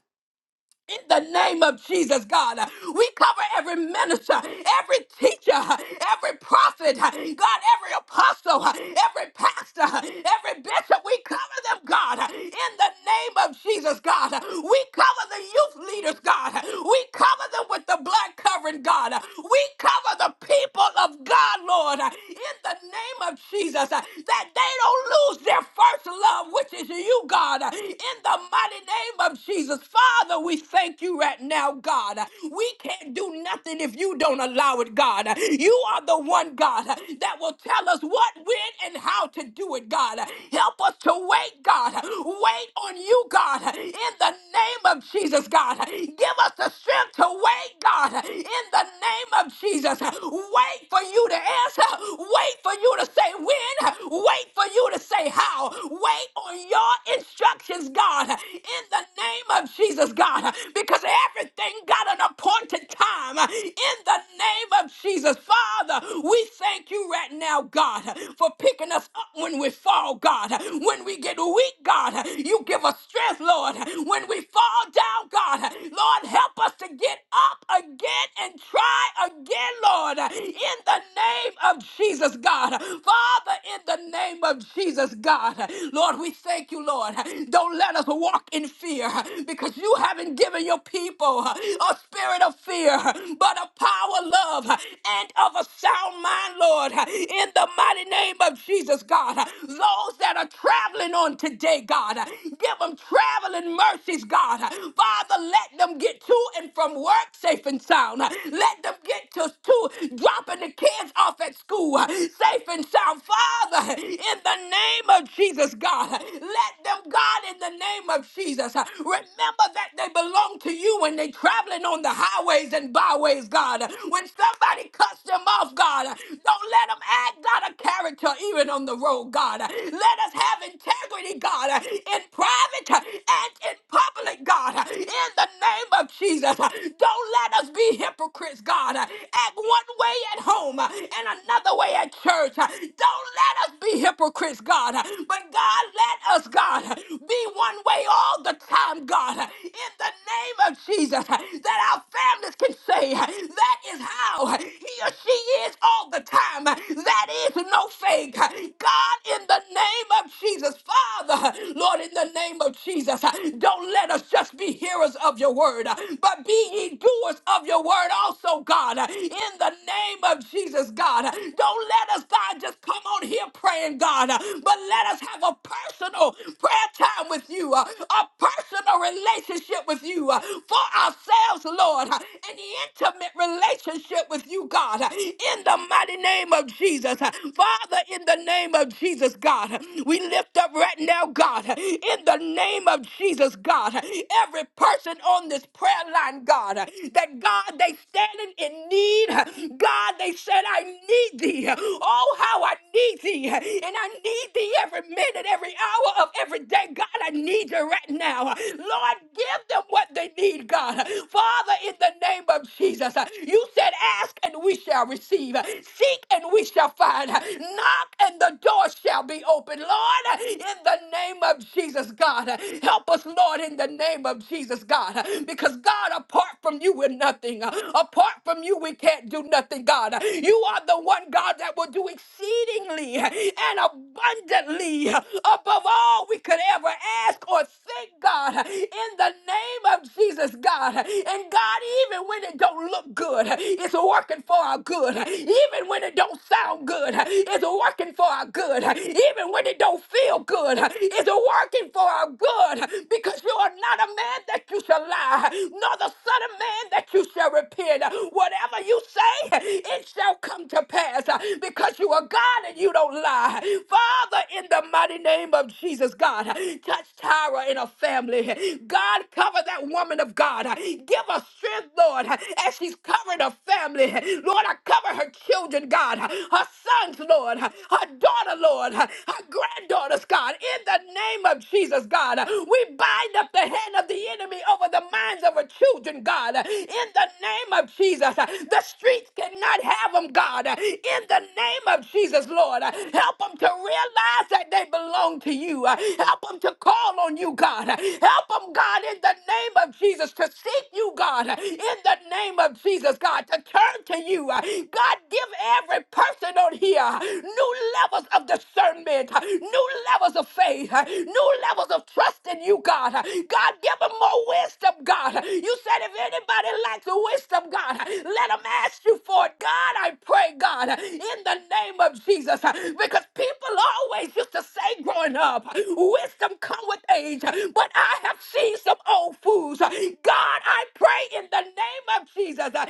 S3: in the name of Jesus, God. We cover every minister, every teacher, every prophet, God, every apostle, every pastor, every bishop. We cover them, God, in the name of Jesus, God. We cover the youth leaders, God. We cover them with the blood covering, God. We cover the people of God, Lord, in the name of Jesus that they don't lose their first love, which is you, God, in the mighty name of Jesus. Father, we thank you right now, God. We can't do nothing if you don't allow it, God. You are the one, God, that will tell us what, when, and how to do it, God. Help us to wait, God. Wait on you, God, in the name of Jesus, God. Give us the strength to wait, God, in the name of Jesus. Wait for you to answer. Wait for you you to say when, wait for you to say how. Wait on your instructions, God, in the name of Jesus, God, because everything got an appointed time in the name of Jesus. Father, we thank you right now, God, for picking us up when we fall, God. When we get weak, God, you give us strength, Lord. When we fall down, God, Lord, help us to get up again and try again, Lord, in the name name of Jesus, God. Father, in the name of Jesus, God. Lord, we thank you, Lord. Don't let us walk in fear because you haven't given your people a spirit of fear, but a power, love, and of a sound mind, Lord. In the mighty name of Jesus, God. Those that are traveling on today, God, give them traveling mercies, God. Father, let them get to and from work safe and sound. Let them get to, to school, dropping the kids off at school uh, safe and sound. Father, in the name of Jesus, God, uh, let them, God, in the name of Jesus, uh, remember that they belong to you when they're traveling on the highways and byways, God. Uh, When somebody cuts them off, God, uh, don't let them act out of character even on the road, God. Uh, Let us have integrity, God, uh, in private uh, and in public, God. uh, In the name of Jesus, uh, don't let us be hypocrites praise God, uh, act one way at home uh, and another way at church. Uh, Don't let us be hypocrites, God, uh, but God, let us, God, uh, be one way all the time, God, uh, in the name of Jesus, uh, that our families can say uh, that is how uh, he or she is all the time. Uh, That is no fake. Uh, God, in the name of Jesus, Father, Lord, in the name of Jesus, uh, don't let us just be hearers of your word, uh, but be ye doers of your word also, God, uh, in the name of Jesus, God. uh, Don't let us, God, just come on here praying, God, uh, but let us have a personal prayer time with you, uh, a personal relationship with you uh, for ourselves, Lord, uh, an intimate relationship with you, God, uh, in the mighty name of Jesus. uh, Father, in the name of Jesus, God, we we lift up right now, God, in the name of Jesus, God, every person on this prayer line, God, that God, they standing in need. God, they said, I need thee. Oh, how I need thee. And I need thee every minute, every hour of every day. God, I need you right now. Lord, give them what they need, God. Father, in the name of Jesus, you said, ask and we shall receive. Seek and we shall find. Knock and the door shall be be open, Lord, in the name of Jesus, God. Help us, Lord, in the name of Jesus, God. Because, God, apart from you, we're nothing. Apart from you, we can't do nothing, God. You are the one, God, that will do exceedingly and abundantly above all we could ever ask or think, God, in the name of Jesus, God. And, God, even when it don't look good, it's working for our good. Even when it don't sound good, it's working for our our good, even when it don't feel good. It's working for our good because you are not a man that you shall lie, nor the son of man that you shall repent. Whatever you say, it shall come to pass because you are God and you don't lie. Father, in the mighty name of Jesus, God, touch Tyra and her family. God, cover that woman of God. Give her strength, Lord, as she's covering her family. Lord, I cover her children, God, her sons, Lord. Lord, her daughter, Lord, her granddaughters, God, in the name of Jesus, God. We bind up the hand of the enemy over the minds of our children, God, in the name of Jesus. The streets cannot have them, God, in the name of Jesus, Lord. Help them to realize that they belong to you. Help them to call on you, God. Help them, God, in the name of Jesus, to seek you, God, in the name of Jesus, God, to turn to you. God, give every person on here. New levels of discernment, new levels of faith, new levels of trust in you, God. God, give them more wisdom, God. You said if anybody lacks wisdom, God, let them ask you for it. God, I pray, God, in the name of Jesus, because people always used to say growing up, wisdom come with age, but I have seen some old fools. God, I pray in the name of Jesus that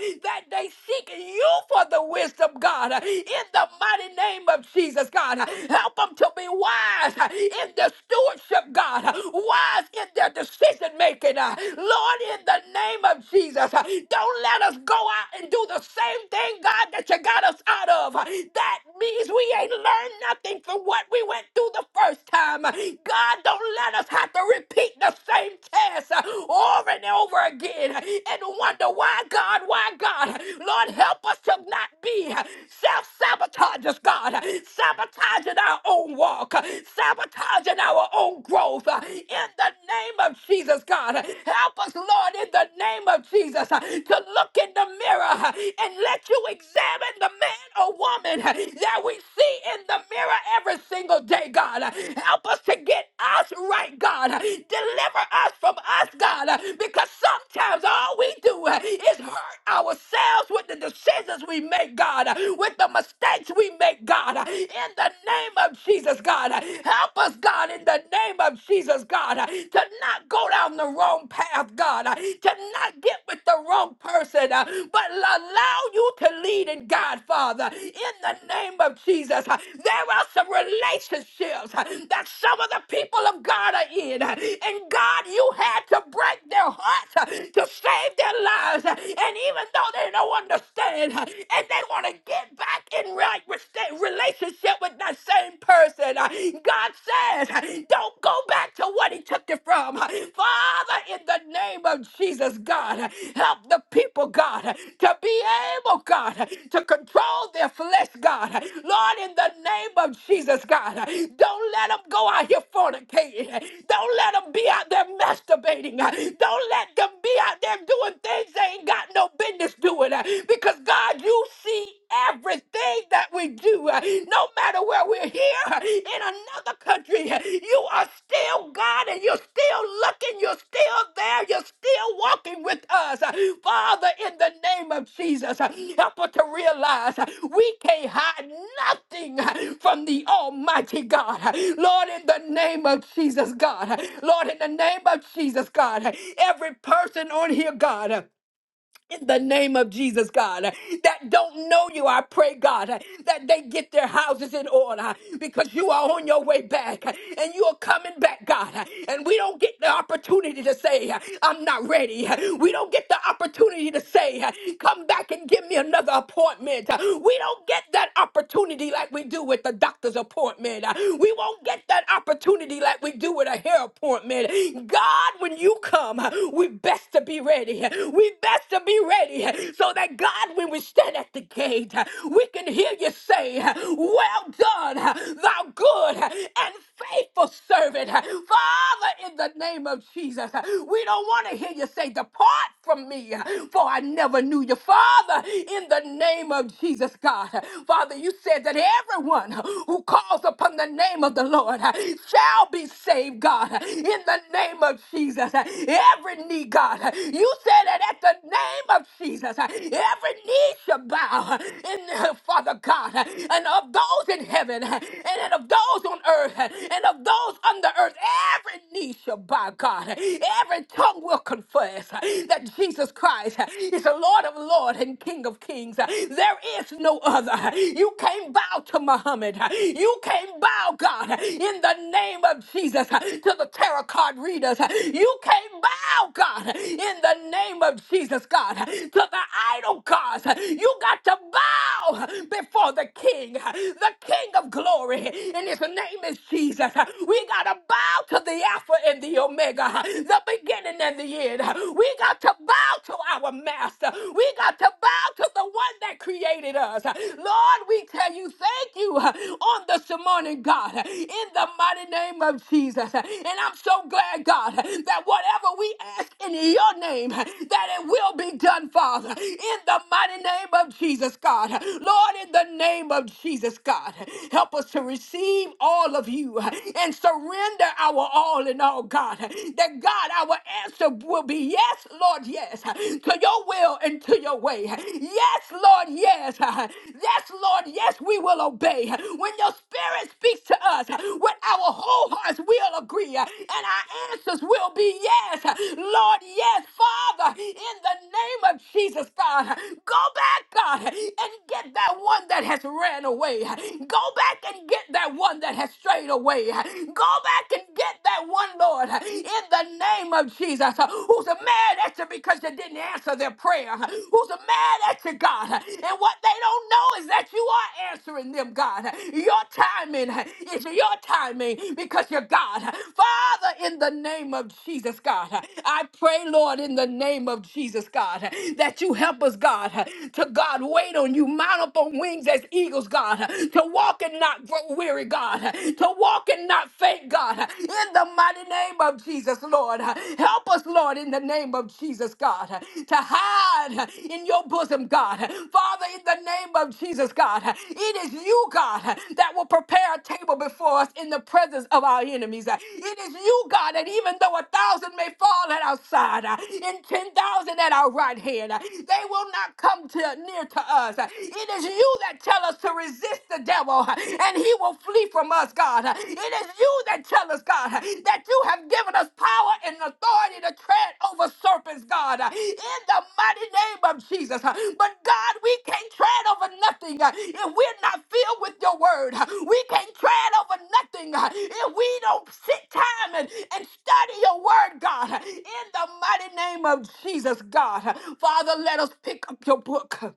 S3: they seek you for the wisdom, God. God, in the mighty name of Jesus, God. Help them to be wise in their stewardship, God, wise in their decision making. Lord, in the name of Jesus, don't let us go out and do the same thing, God, that you got us out of. That means we ain't learned nothing from what we went through the first time. God, don't let us have to repeat the same test over and over again and wonder why, God, why, God. Lord, help us to not be self sabotagers, God, sabotaging our own walk, sabotaging our own growth. In the name of Jesus, God, help us, Lord, in the name of Jesus, to look in the mirror and let you examine the man or woman that we see in the mirror every single day, God. Help us to get us right, God. Deliver us from us, God, because sometimes all we do is hurt ourselves with the decisions we make, God, uh, with the mistakes we make, God, uh, in the name of Jesus, God. Uh, Help us, God, in the name of Jesus, God, uh, to not go down the wrong path, God, uh, to not get with the wrong person, uh, but allow you to lead and guide, Father, in the name of Jesus. Uh, There are some relationships uh, that some of the people of God are in, uh, and God, you had to break their hearts uh, to save their lives, uh, and even though they they don't understand, uh, and they want to get back in right re- relationship with that same person. uh, God says, uh, don't go back to what He took you from. uh, Father, in the name of Jesus, God, uh, help the people, God, uh, to be able, God, uh, to control their flesh, God. uh, Lord, in the name of Jesus, God, uh, don't let them go out here fornicating. uh, Don't let them be out there masturbating. uh, Don't let them be out there doing things they ain't got no no business doing uh, because God, you see everything that we do. uh, No matter where we're here uh, in another country, uh, you are still God and you're still looking, you're still there, you're still walking with us. Uh, Father, in the name of Jesus, uh, help us to realize uh, we can't hide nothing uh, from the Almighty God. Uh, Lord, in the name of Jesus, God. uh, Lord, in the name of Jesus, God. uh, Every person on here, God. uh, in the name of Jesus, God, that don't know you, I pray, God, that they get their houses in order because you are on your way back and you are coming back, God. And we don't get the opportunity to say, I'm not ready. We don't get the opportunity to say, come back and give me another appointment. We don't get that opportunity like we do with the doctor's appointment. We won't get that opportunity like we do with a hair appointment. God, when you come, we best to be ready. We best to be ready so that God, when we stand at the gate, we can hear you say, Well done, thou good and faithful servant. Father, in the name of Jesus, we don't want to hear you say, Depart from me, for I never knew you. Father, in the name of Jesus, God. Father, you said that everyone who calls upon the name of the Lord shall shall be saved, God, in the name of Jesus. Every knee, God, you said that at the name of Jesus, every knee shall bow, in, Father God, and of those in heaven, and of those on earth, and of those under earth, every knee shall bow, God. Every tongue will confess that Jesus Christ is the Lord of Lords and King of Kings. There is no other. You can't bow to Muhammad spirit. You can't bow, God, in the name of Jesus to the tarot card readers. You can't bow, God, in the name of Jesus, God, to the idol gods. You got to bow before the King, the King of glory, and his name is Jesus. We got to bow to the Alpha and the Omega, the beginning and the end. We got to bow to our Master. We got to bow to the one that created created us. Lord, we tell you thank you uh, on this morning, God, in the mighty name of Jesus. And I'm so glad, God, that whatever we ask in your name, that it will be done, Father, in the mighty name of Jesus, God. Lord, in the name of Jesus, God, help us to receive all of you and surrender our all in all, God. That God, our answer will be yes, Lord, yes to your will and to your way. Yes, Lord, yes. Yes, Lord, yes, we will obey. When your spirit speaks to us, with our whole hearts, we'll agree. And our answers will be yes. Lord, yes. Father, in the name of Jesus, God, go back, God, and get that one that has ran away. Go back and get that one that has strayed away. Go back and get that one, Lord, in the name of Jesus, uh, who's uh, mad at you because you didn't answer their prayer, uh, who's uh, mad at you, God. uh, And what they don't know is that you are answering them, God. Uh, Your timing uh, is your timing because you're God. Uh, Father, in the name of Jesus, God, uh, I pray, Lord, in the name of Jesus, God, uh, that you help us, God, uh, to God, wait on you, mount up on wings as eagles, God, uh, to walk and not grow weary, God, uh, to walk and not not faint, God. In the mighty name of Jesus, Lord. Help us, Lord, in the name of Jesus, God, to hide in your bosom, God. Father, in the name of Jesus, God, it is you, God, that will prepare a table before us in the presence of our enemies. It is you, God, that even though a thousand may fall at our side uh, and 10,000 at our right hand, uh, they will not come to, near to us. Uh, It is you that tell us to resist the the devil uh, and he will flee from us, God. Uh, It is you that tell us, God, uh, that you have given us power and authority to tread over serpents, God, uh, in the mighty name of Jesus. Uh, But God, we can't tread over nothing uh, if we're not filled with your word. Uh, We can't tread over nothing uh, if we don't sit time and, and study your word, God, uh, in the mighty name of Jesus, God. Uh, Father, let us pick up your book.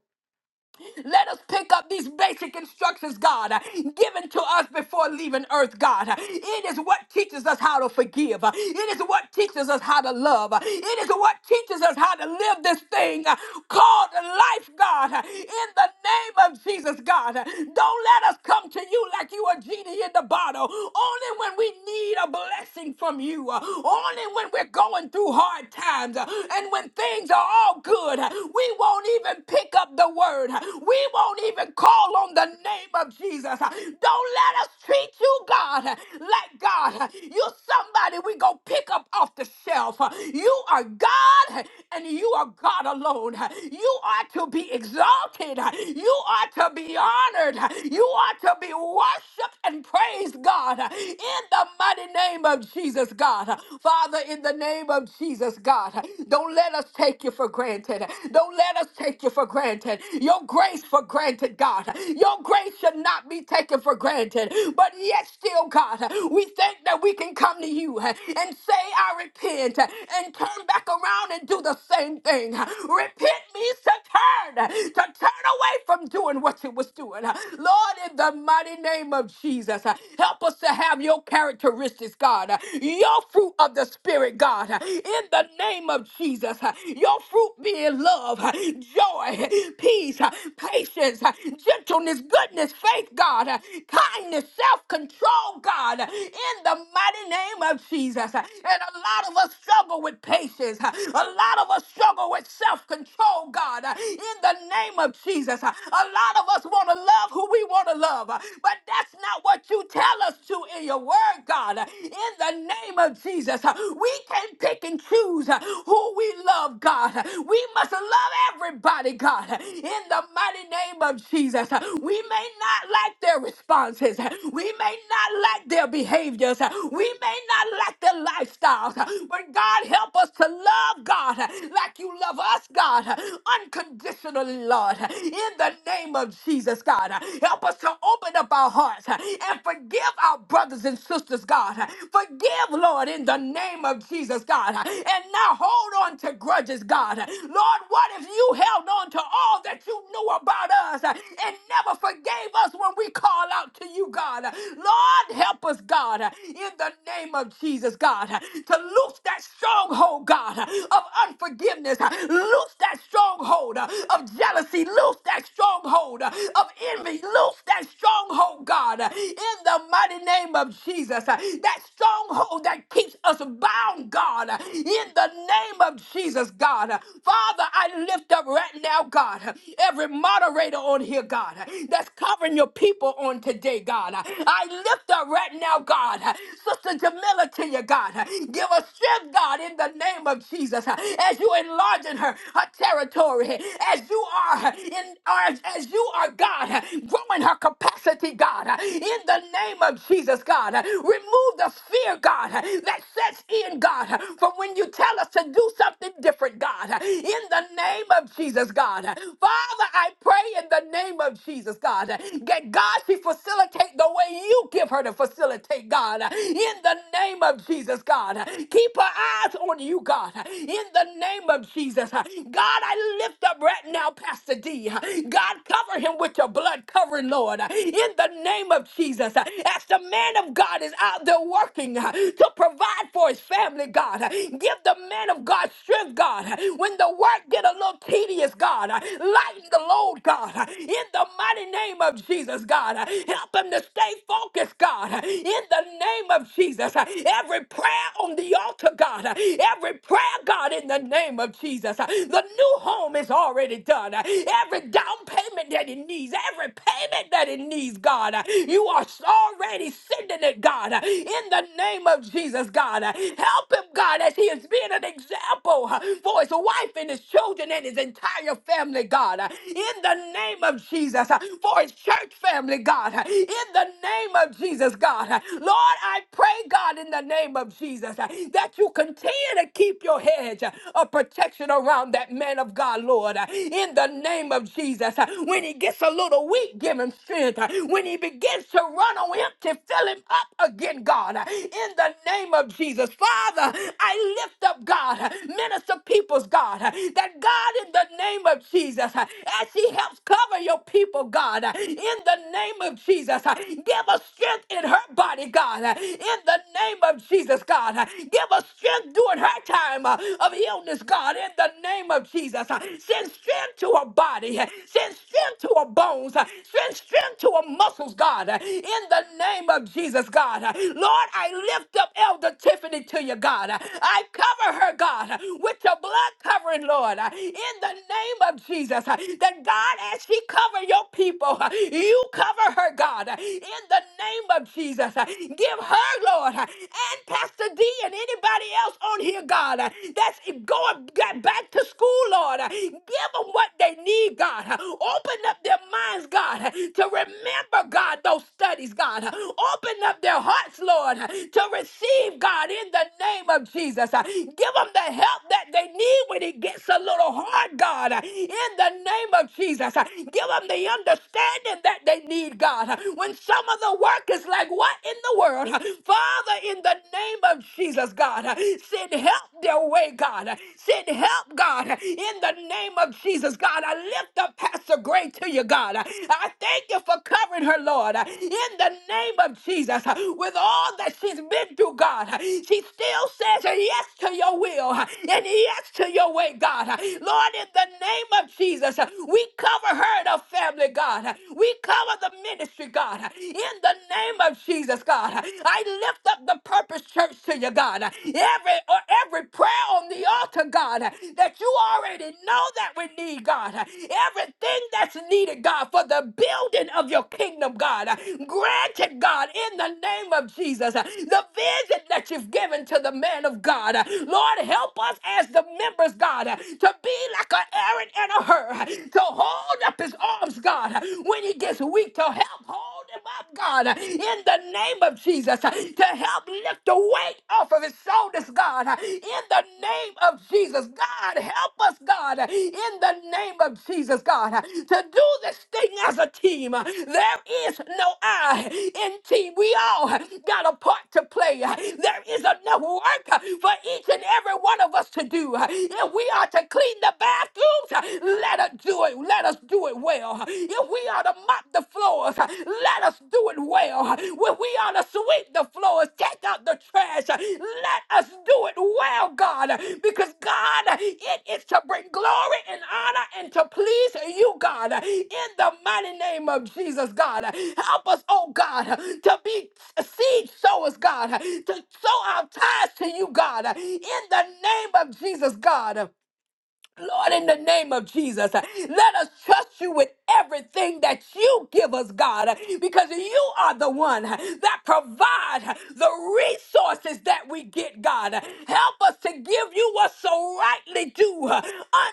S3: Let us pick up these basic instructions, God, uh, given to us before leaving earth, God. Uh, It is what teaches us how to forgive. Uh, It is what teaches us how to love. Uh, It is what teaches us how to live this thing uh, called life, God. Uh, In the name of Jesus, God, uh, don't let us come to you like you are genie in the bottle. Only when we need a blessing from you. Uh, Only when we're going through hard times uh, and when things are all good, uh, we won't even pick up the word. We won't even call on the name of Jesus. Don't let us treat you, God, like God. You're somebody we go pick up off the shelf. You are God and you are God alone. You are to be exalted. You are to be honored. You are to be worshiped and praised, God, in the mighty name of Jesus, God. Father, in the name of Jesus, God, don't let us take you for granted. Don't let us take you for granted. Your your grace for granted, God. Your grace should not be taken for granted. But yet, still, God, we think that we can come to you and say, I repent, and turn back around and do the same thing. Repent means to turn, to turn away from doing what you was doing. Lord, in the mighty name of Jesus, help us to have your characteristics, God, your fruit of the Spirit, God, in the name of Jesus, your fruit being love, joy, peace peace, uh, patience, uh, gentleness, goodness, faith, God, uh, kindness, self control, God, uh, in the mighty name of Jesus. Uh, And a lot of us struggle with patience. Uh, A lot of us struggle with self control, God, uh, in the name of Jesus. Uh, A lot of us want to love who we want to love, uh, but that's not what you tell us to in your word, God, uh, in the name of Jesus. Uh, We can't pick and choose uh, who we love, God. Uh, We must love everybody, God, uh, in in the mighty name of Jesus. We may not like their responses, we may not like their behaviors, we may not like their lifestyles, but God help us to love God like you love us, God, unconditionally, Lord, in the name of Jesus, God. Help us to open up our hearts and forgive our brothers and sisters, God. Forgive, Lord, in the name of Jesus, God. And now hold on to grudges, God. Lord, what if you held on to all that you knew about us uh, and never forgave us when we call out to you, God. Lord, help us, God, uh, in the name of Jesus, God, uh, to loose that stronghold, God, uh, of unforgiveness. uh, Loose that stronghold uh, of jealousy. Loose that stronghold uh, of envy. Loose that stronghold, God, uh, in the mighty name of Jesus. uh, That stronghold that keeps us bound, God, uh, in the name of Jesus, God. Uh, Father, I lift up right now, God, every moderator on here, God, that's covering your people on today, God. I lift up right now, God, Sister Jamila to you, God. Give her strength, God, in the name of Jesus, as you enlarging her, her territory, as you are in, as, as you are, God, growing her capacity, God, in the name of Jesus, God. Remove the fear, God, that sets in, God, from when you tell us to do something different, God, in the name of Jesus, God. God. Father, I pray in the name of Jesus, God, that God, she facilitate the way you give her to facilitate, God, in the name of Jesus, God. Keep her eyes on you, God, in the name of Jesus. God, I lift up right now, Pastor D. God, cover him with your blood covering, Lord, in the name of Jesus. As the man of God is out there working to provide for his family, God, give the man of God strength, God, when the work get a little tedious, Jesus, God. Uh, Lighten the load, God, uh, in the mighty name of Jesus, God. Uh, Help him to stay focused, God, uh, in the name of Jesus. Uh, Every prayer on the altar, God, uh, every prayer, God, in the name of Jesus. Uh, The new home is already done. Uh, Every down payment that he needs, every payment that he needs, God, uh, you are already sending it, God, uh, in the name of Jesus, God. Uh, Help him, God, as he is being an example uh, for his wife and his children and his entire entire family, God, uh, in the name of Jesus, uh, for his church family, God, uh, in the name of Jesus, God. uh, Lord, I pray, God, in the name of Jesus, uh, that you continue to keep your hedge uh, of protection around that man of God, Lord, uh, in the name of Jesus. uh, When he gets a little weak, give him strength. uh, When he begins to run on empty, fill him up again, God, uh, in the name of Jesus. Father, I lift up, God, uh, minister people's God, uh, that God, in the name of Jesus. uh, As she helps cover your people, God, uh, in the name of Jesus, uh, give us strength in her body, God, uh, in the name of Jesus, God. uh, Give us strength during her time uh, of illness, God, in the name of Jesus. uh, Send strength to her body, uh, send strength to her bones, uh, send strength to her muscles, God, uh, in the name of Jesus, God. uh, Lord, I lift up Elder Tiffany to you, God. uh, I cover her, God, uh, with your blood covering, Lord, uh, in in the name of Jesus uh, that God, as she cover your people, uh, you cover her, God, uh, in the name of Jesus. uh, Give her, Lord, uh, and Pastor D and anybody else on here, God, uh, that's going ba- back to school, Lord. uh, Give them what they need, God. uh, Open up their minds, God, uh, to remember, God, those studies, God. uh, Open up their hearts, Lord, uh, to receive, God, in the name of Jesus. uh, Give them the help that they need when it gets a little heart, God, in the name of Jesus. Give them the understanding that they need, God. When some of the work is like, what in the world? Father, in the name of Jesus, God, send help their way, God. Send help, God, in the name of Jesus, God. I lift up Pastor Gray to you, God. I thank you for covering her, Lord, in the name of Jesus, with all that she's been through, God. She still says yes to your will and yes to your way, God. Lord, in the name of Jesus, we cover her and her family, God. We cover the ministry, God. In the name of Jesus, God, I lift up the Purpose Church to you, God. Every or every prayer on the altar, God, that you already know that we need, God. Everything that's needed, God, for the building of your kingdom, God. Grant it, God, in the name of Jesus. The vision that you've given to the man of God. Lord, help us as the members, God, to be like an Aaron and a Hur to hold up his arms, God, when he gets weak, to help hold him up, God, in the name of Jesus, to help lift the weight off of his shoulders, God, in the name of Jesus. God, help us, God, in the name of Jesus, God, to do this thing as a team. There is no I in team. We all got a part to play. There is enough work for each and every one of us to do, and we are are to clean the bathrooms, let us do it. Let us do it well. If we are to mop the floors, let us do it well. When we are to sweep the floors, take out the trash, let us do it well, God. Because, God, it is to bring glory and honor and to please you, God. In the mighty name of Jesus, God. Help us, oh God, to be seed sowers, God, to sow our ties to you, God. In the name of Jesus, God. Lord, in the name of Jesus, uh, let us trust you with everything that you give us, God, uh, because you are the one uh, that provide uh, the resources that we get, God. Uh, Help us to give you what's so rightly due uh,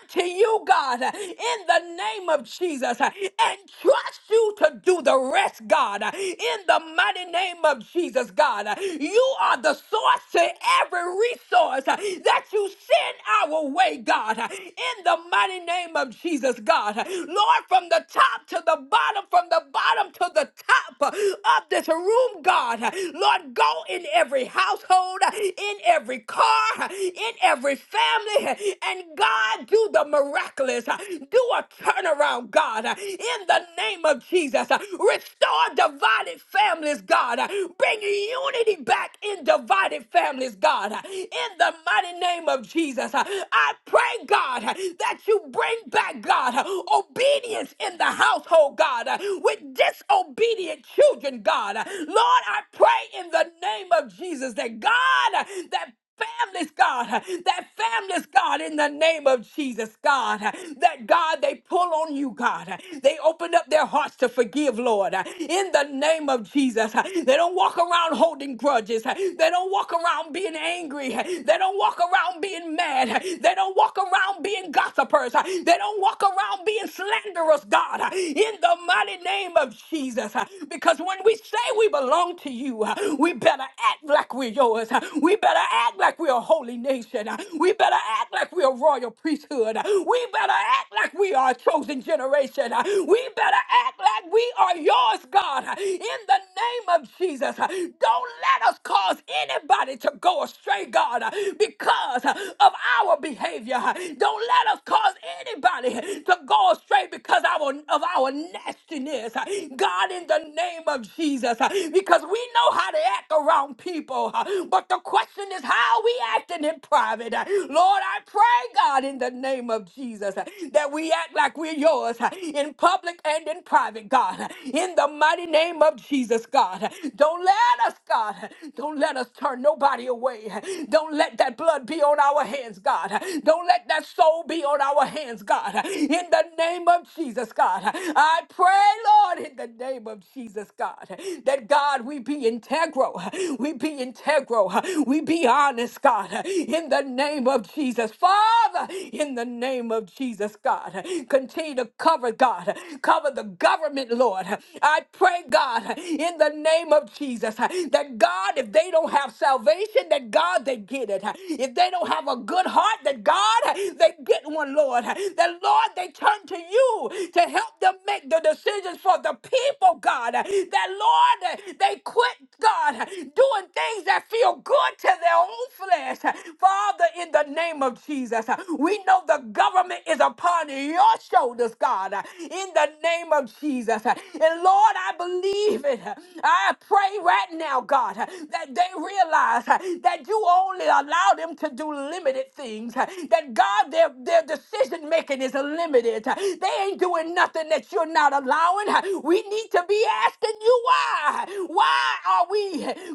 S3: unto you, God, uh, in the name of Jesus, uh, and trust you to do the rest, God, uh, in the mighty name of Jesus, God. Uh, You are the source to every resource uh, that you send our way, today, God, in the mighty name of Jesus, God. Lord, from the top to the bottom, from the bottom to the top of this room, God. Lord, go in every household, in every car, in every family, and God, do the miraculous. Do a turnaround, God, in the name of Jesus. Restore divided families, God. Bring unity back in divided families, God, in the mighty name of Jesus. Jesus, uh, I pray, God, uh, that you bring back, God, uh, obedience in the household, God, uh, with disobedient children, God. Uh, Lord, I pray in the name of Jesus that God, uh, that families, God, that families, God, in the name of Jesus, God, that God, they pull on you, God. They open up their hearts to forgive, Lord, in the name of Jesus. They don't walk around holding grudges. They don't walk around being angry. They don't walk around around being mad. They don't walk around being gossipers. They don't walk around being slanderous, God, in the mighty name of Jesus. Because when we say we belong to you, we better act like we're yours. We better act like we're a holy nation. We better act like we're a royal priesthood. We better act like we are a chosen generation. We better act like we are yours, God, in the name of Jesus. Don't let us cause anybody to go astray, God because of our behavior. Don't let us cause anybody to go astray because our, of our nastiness. God, in the name of Jesus, because we know how to act around people, but the question is how we acting in private. Lord, I pray, God, in the name of Jesus, that we act like we're yours in public and in private, God. In the mighty name of Jesus, God. Don't let us, God, don't let us turn nobody away. Don't let that blood be on our hands, God. Don't let that soul be on our hands, God. In the name of Jesus, God. I pray, Lord, in the name of Jesus, God, that God, we be integral. We be integral. We be honest, God. In the name of Jesus. Father, in the name of Jesus, God. Continue to cover, God. Cover the government, Lord. I pray, God, in the name of Jesus, that God, if they don't have salvation, salvation, that God, they get it. If they don't have a good heart, that God, they get one, Lord. That Lord, they turn to you to help them make the decisions for the people, God. That Lord, they quit, God, doing things that feel good to their own flesh. Father, in the name of Jesus, we know the government is upon your shoulders, God, in the name of Jesus. And Lord, I believe it. I pray right now, God, that they realize uh, that you only allow them to do limited things, uh, that God, their, their decision making is limited. uh, They ain't doing nothing that you're not allowing. uh, We need to be asking you why. uh, Why are we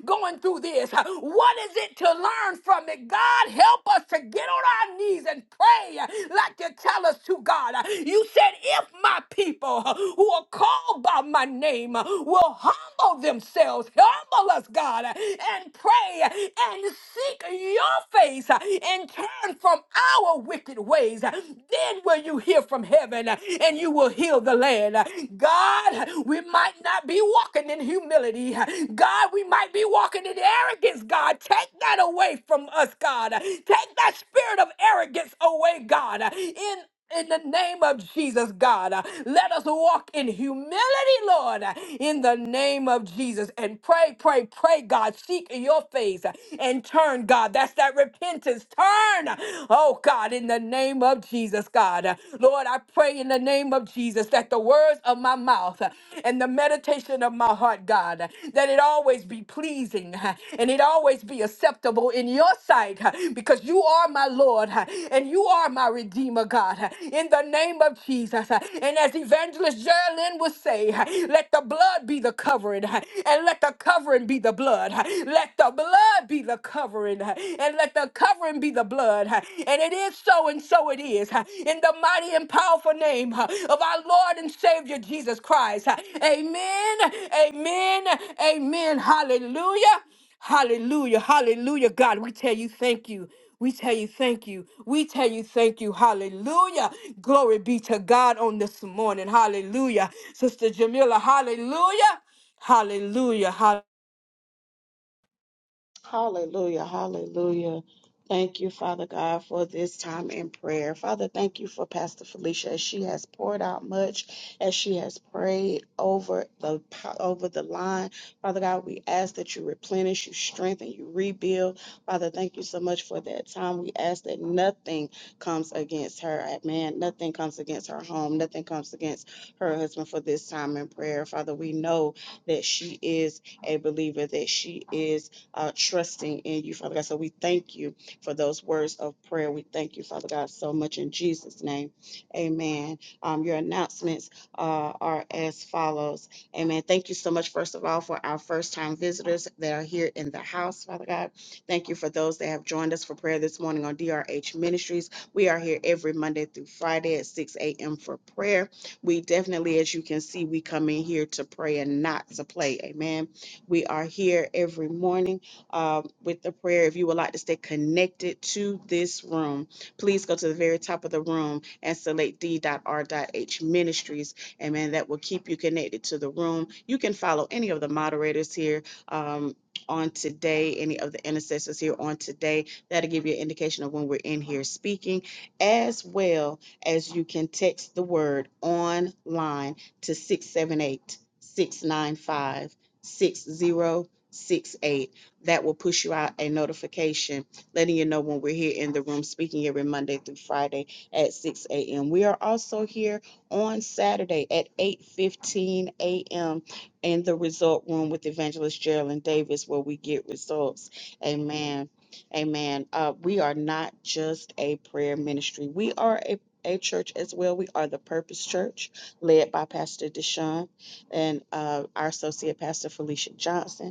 S3: going through this? uh, What is it to learn from it? God, help us to get on our knees and pray uh, like you tell us to, God. Uh, You said, if my people uh, who are called by my name uh, will humble themselves, humble us, God, and pray and seek your face and turn from our wicked ways. Then will you hear from heaven and you will heal the land. God, we might not be walking in humility. God, we might be walking in arrogance, God. Take that away from us, God. Take that spirit of arrogance away, God. In in the name of Jesus, God. Uh, Let us walk in humility, Lord, uh, in the name of Jesus. And pray, pray, pray, God. Seek your face uh, and turn, God. That's that repentance. Turn, oh God, in the name of Jesus, God. Uh, Lord, I pray in the name of Jesus that the words of my mouth uh, and the meditation of my heart, God, uh, that it let it always be pleasing uh, and it always be acceptable in your sight uh, because you are my Lord uh, and you are my Redeemer, God, uh, in the name of Jesus. uh, And as Evangelist Geraldine would say, uh, let the blood be the covering uh, and let the covering be the blood. uh, Let the blood be the covering uh, and let the covering be the blood. uh, And it is so and so it is uh, in the mighty and powerful name uh, of our Lord and Savior Jesus Christ. Uh, Amen, amen, amen. Hallelujah, hallelujah, hallelujah. God, we tell you thank you. We tell you thank you. We tell you thank you. Hallelujah. Glory be to God on this morning. Hallelujah. Sister Jamila, hallelujah. Hallelujah. Hallelujah.
S1: Hallelujah, hallelujah. Thank you, Father God, for this time in prayer. Father, thank you for Pastor Felicia as she has poured out much, as she has prayed over the over the line. Father God, we ask that you replenish, you strengthen, you rebuild. Father, thank you so much for that time. We ask that nothing comes against her, man. Nothing comes against her home. Nothing comes against her husband for this time in prayer. Father, we know that she is a believer, that she is uh, trusting in you, Father God. So we thank you for those words of prayer. We thank you, Father God, so much in Jesus' name. Amen. Um, your announcements uh, are as follows. Amen. Thank you so much, first of all, for our first time visitors that are here in the house, Father God. Thank you for those that have joined us for prayer this morning on DRH Ministries. We are here every Monday through Friday at 6 a.m. for prayer. We definitely, as you can see, we come in here to pray and not to play. Amen. We are here every morning um, with the prayer. If you would like to stay connected to this room, please go to the very top of the room and select d.r.h ministries. Amen. That will keep you connected to the room. You can follow any of the moderators here. Um, on today, any of the intercessors here on today, that'll give you an indication of when we're in here speaking, as well as you can text the word online to 678 695 6068 that will push you out a notification letting you know when we're here in the room speaking every Monday through Friday at 6 a.m. We are also here on Saturday at 8:15 a.m. in the result room with Evangelist Geraldine Davis, where we get results. Amen. Amen. Uh, we are not just a prayer ministry. We are a a church as well. We are the Purpose Church, led by Pastor Deshaun and uh, our associate pastor Felicia Johnson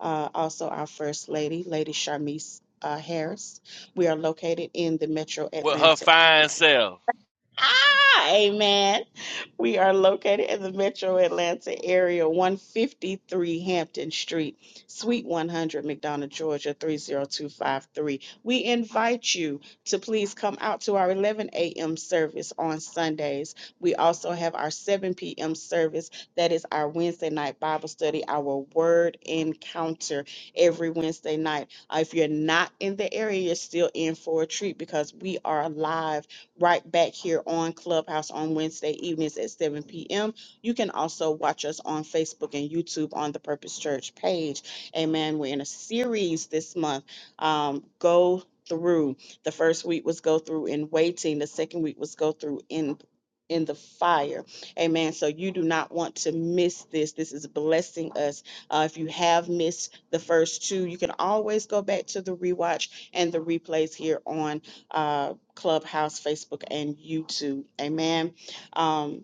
S1: uh, also our First Lady, Lady Charmise uh, Harris. We are located in the Metro
S2: With her
S1: Atlanta.
S2: fine self.
S1: Ah, amen. We are located in the Metro Atlanta area, 153 Hampton Street, Suite 100, McDonough, Georgia, 30253. We invite you to please come out to our 11 a.m. service on Sundays. We also have our 7 p.m. service, that is our Wednesday night Bible study, our word encounter every Wednesday night. Uh, If you're not in the area, you're still in for a treat because we are live right back here on Clubhouse on Wednesday evenings at 7 p.m. You can also watch us on Facebook and YouTube on the Purpose Church page. Amen. We're in a series this month. Um, go through. The first week was go through in waiting. The second week was go through in in the fire. Amen. So you do not want to miss this. This is blessing us. Uh, if you have missed the first two, you can always go back to the rewatch and the replays here on uh, Clubhouse, Facebook, and YouTube. Amen. Um,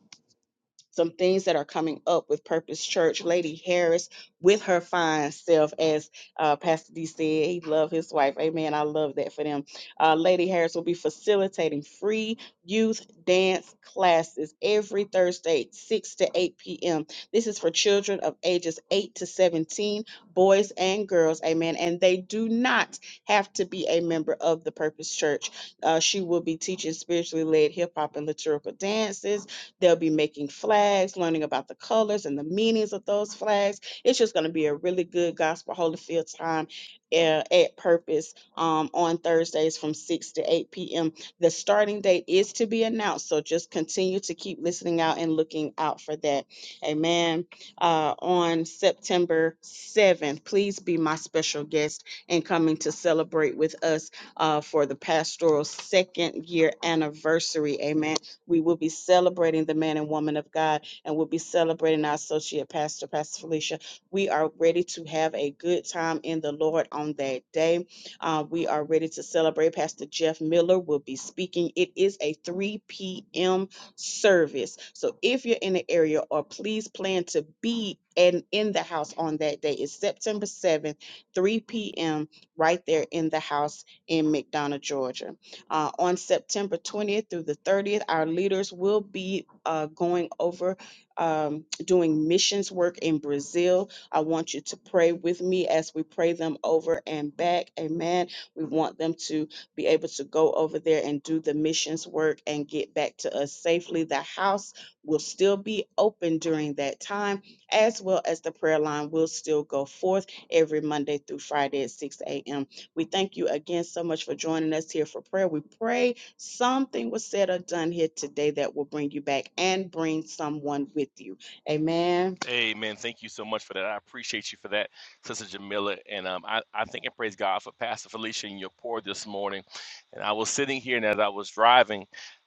S1: some things that are coming up with Purpose Church. Lady Harris with her fine self, as uh, Pastor D said, he loved his wife. Amen. I love that for them. Uh, Lady Harris will be facilitating free youth dance classes every Thursday, 6 to 8 p.m. This is for children of ages 8 to 17, boys and girls. Amen. And they do not have to be a member of the Purpose Church. Uh, she will be teaching spiritually led hip hop and liturgical dances They'll be making flags, learning about the colors and the meanings of those flags. It's just going to be a really good Gospel Holyfield time uh, at Purpose um, on Thursdays from 6 to 8 p.m. The starting date is to be announced, so just continue to keep listening out and looking out for that. Amen. Uh, on September 7th, please be my special guest and coming to celebrate with us uh, for the pastoral second year anniversary. Amen we will be celebrating the man and woman of God, and we'll be celebrating our associate pastor, Pastor Felicia. We are ready to have a good time in the Lord on that day. Uh, we are ready to celebrate. Pastor Jeff Miller will be speaking. It is a 3 p.m. service. So if you're in the area or please plan to be and in the house on that day It's September 7th, 3 p.m. right there in the house in McDonough, Georgia. Uh, on September 20th through the 30th, our leaders will be uh, going over um, doing missions work in Brazil. I want you to pray with me as we pray them over and back. Amen. We want them to be able to go over there and do the missions work and get back to us safely. The house will still be open during that time, as well as the prayer line will still go forth every Monday through Friday at 6 a.m. We thank you again so much for joining us here for prayer. We pray something was said or done here today that will bring you back and bring someone with you. Amen.
S2: Amen. Thank you so much for that. I appreciate you for that, Sister Jamila. And um, I, I thank and praise God for Pastor Felicia and your pour this morning. And I was sitting here, and as I was driving,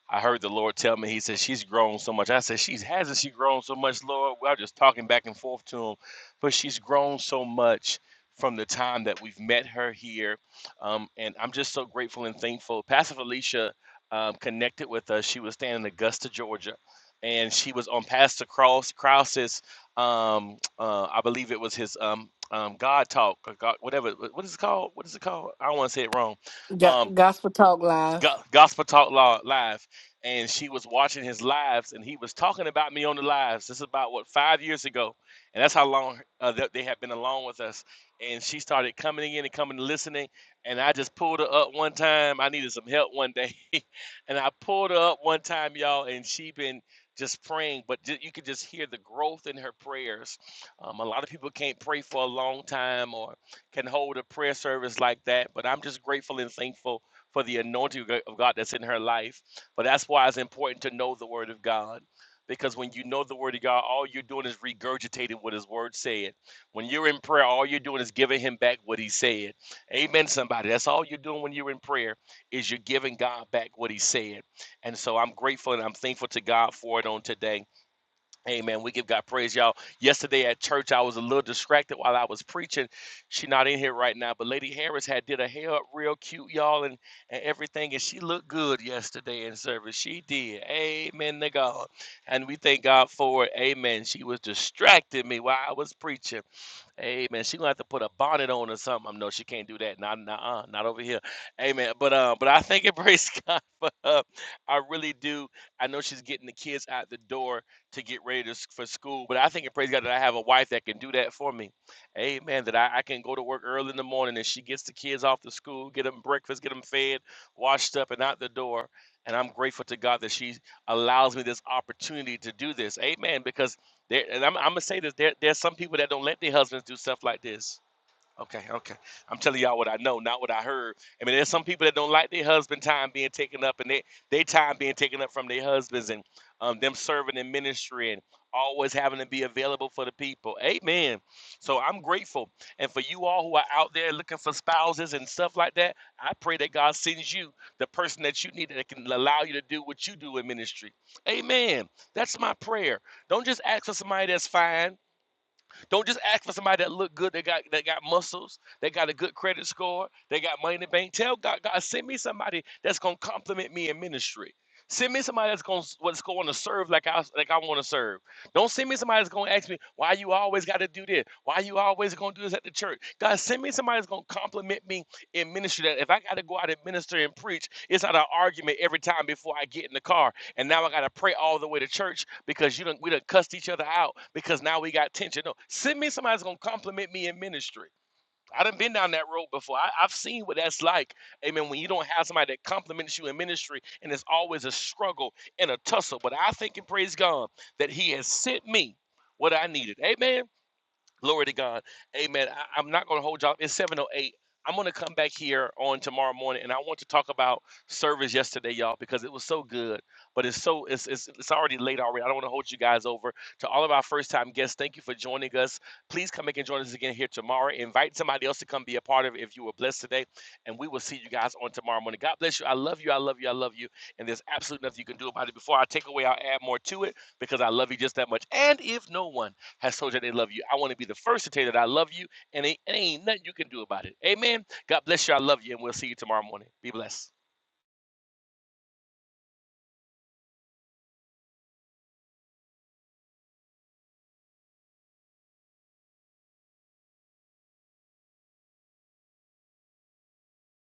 S2: I heard the Lord tell me, He said, She's grown so much. I said, She's hasn't she grown so much, Lord? We are just talking back and forth to Him, but she's grown so much from the time that we've met her here. Um, and I'm just so grateful and thankful. Pastor Felicia um, connected with us. She was staying in Augusta, Georgia. And she was on Pastor Cross Krause's um, <tsk> uh, I believe it was his um, um, God talk, or God, whatever. What is it called? What is it called? I don't want to say it wrong. Um.
S3: Go- Gospel Talk Live.
S2: Go- Gospel Talk Law Live, and she was watching his lives, and he was talking about me on the lives. This is about what five years ago, and that's how long uh, that they have been along with us. And she started coming in and coming and listening, and I just pulled her up one time. I needed some help one day, <laughs> and I pulled her up one time, y'all, and she been just praying, but ju- you could just hear the growth in her prayers. Um, a lot of people can't pray for a long time or can hold a prayer service like that, but I'm just grateful and thankful for the anointing of God that's in her life. But that's why it's important to know the Word of God. Because when you know the Word of God, all you're doing is regurgitating what His Word said. When you're in prayer, all you're doing is giving Him back what He said. Amen, somebody. That's all you're doing when you're in prayer is you're giving God back what He said. And so I'm grateful and I'm thankful to God for it on today. Amen. We give God praise, y'all. Yesterday at church, I was a little distracted while I was preaching. She not in here right now, but Lady Harris had did her hair up real cute, y'all, and, and everything, and she looked good yesterday in service. She did. Amen to God. And we thank God for it. Amen. She was distracting me while I was preaching. Hey man, she gonna have to put a bonnet on or something. No, she can't do that. Not, nah, not over here. Hey man, but uh, but I thank and praise <laughs> God for her. I really do. I know she's getting the kids out the door to get ready to, s- for school, but I think and praise God that I have a wife that can do that for me. Amen. That I, I can go to work early in the morning and she gets the kids off to school, get them breakfast, get them fed, washed up, and out the door. And I'm grateful to God that she allows me this opportunity to do this. Amen. Because there, and I'm, I'm gonna say this: there, there's some people that don't let their husbands do stuff like this. Okay, okay. I'm telling y'all what I know, not what I heard. I mean, there's some people that don't like their husband time being taken up, and they their time being taken up from their husbands, and um, them serving in ministry and always having to be available for the people. Amen. So I'm grateful, and for you all who are out there looking for spouses and stuff like that, I pray that God sends you the person that you need that can allow you to do what you do in ministry. Amen. That's my prayer. Don't just ask for somebody that's fine. Don't just ask for somebody that look good, that got that got muscles, that got a good credit score, They got money in the bank. Tell God, God, send me somebody that's gonna compliment me in ministry. Send me somebody that's gonna that's going to serve like I like I want to serve. Don't send me somebody that's gonna ask me why you always got to do this, why you always gonna do this at the church. God, send me somebody that's gonna compliment me in ministry. That if I got to go out and minister and preach, it's not an argument every time before I get in the car, and now I got to pray all the way to church because you don't we done cussed each other out because now we got tension. No, send me somebody that's gonna compliment me in ministry. I done been down that road before. I, I've seen what that's like. Amen. When you don't have somebody that compliments you in ministry, and it's always a struggle and a tussle. But I think and praise God that He has sent me what I needed. Amen. Glory to God. Amen. I, am not going to hold y'all. It's 708. I'm going to come back here on tomorrow morning and I want to talk about service yesterday, y'all, because it was so good. But it's so it's it's, it's already late already. I don't want to hold you guys over. To all of our first time guests, thank you for joining us. Please come back and join us again here tomorrow. Invite somebody else to come be a part of it if you were blessed today. And we will see you guys on tomorrow morning. God bless you. I love you. I love you. I love you. And there's absolutely nothing you can do about it. Before I take away, I'll add more to it because I love you just that much. And if no one has told you they love you. I want to be the first to tell you that I love you, and it and ain't nothing you can do about it. Amen. God bless you. I love you, and we'll see you tomorrow morning. Be blessed.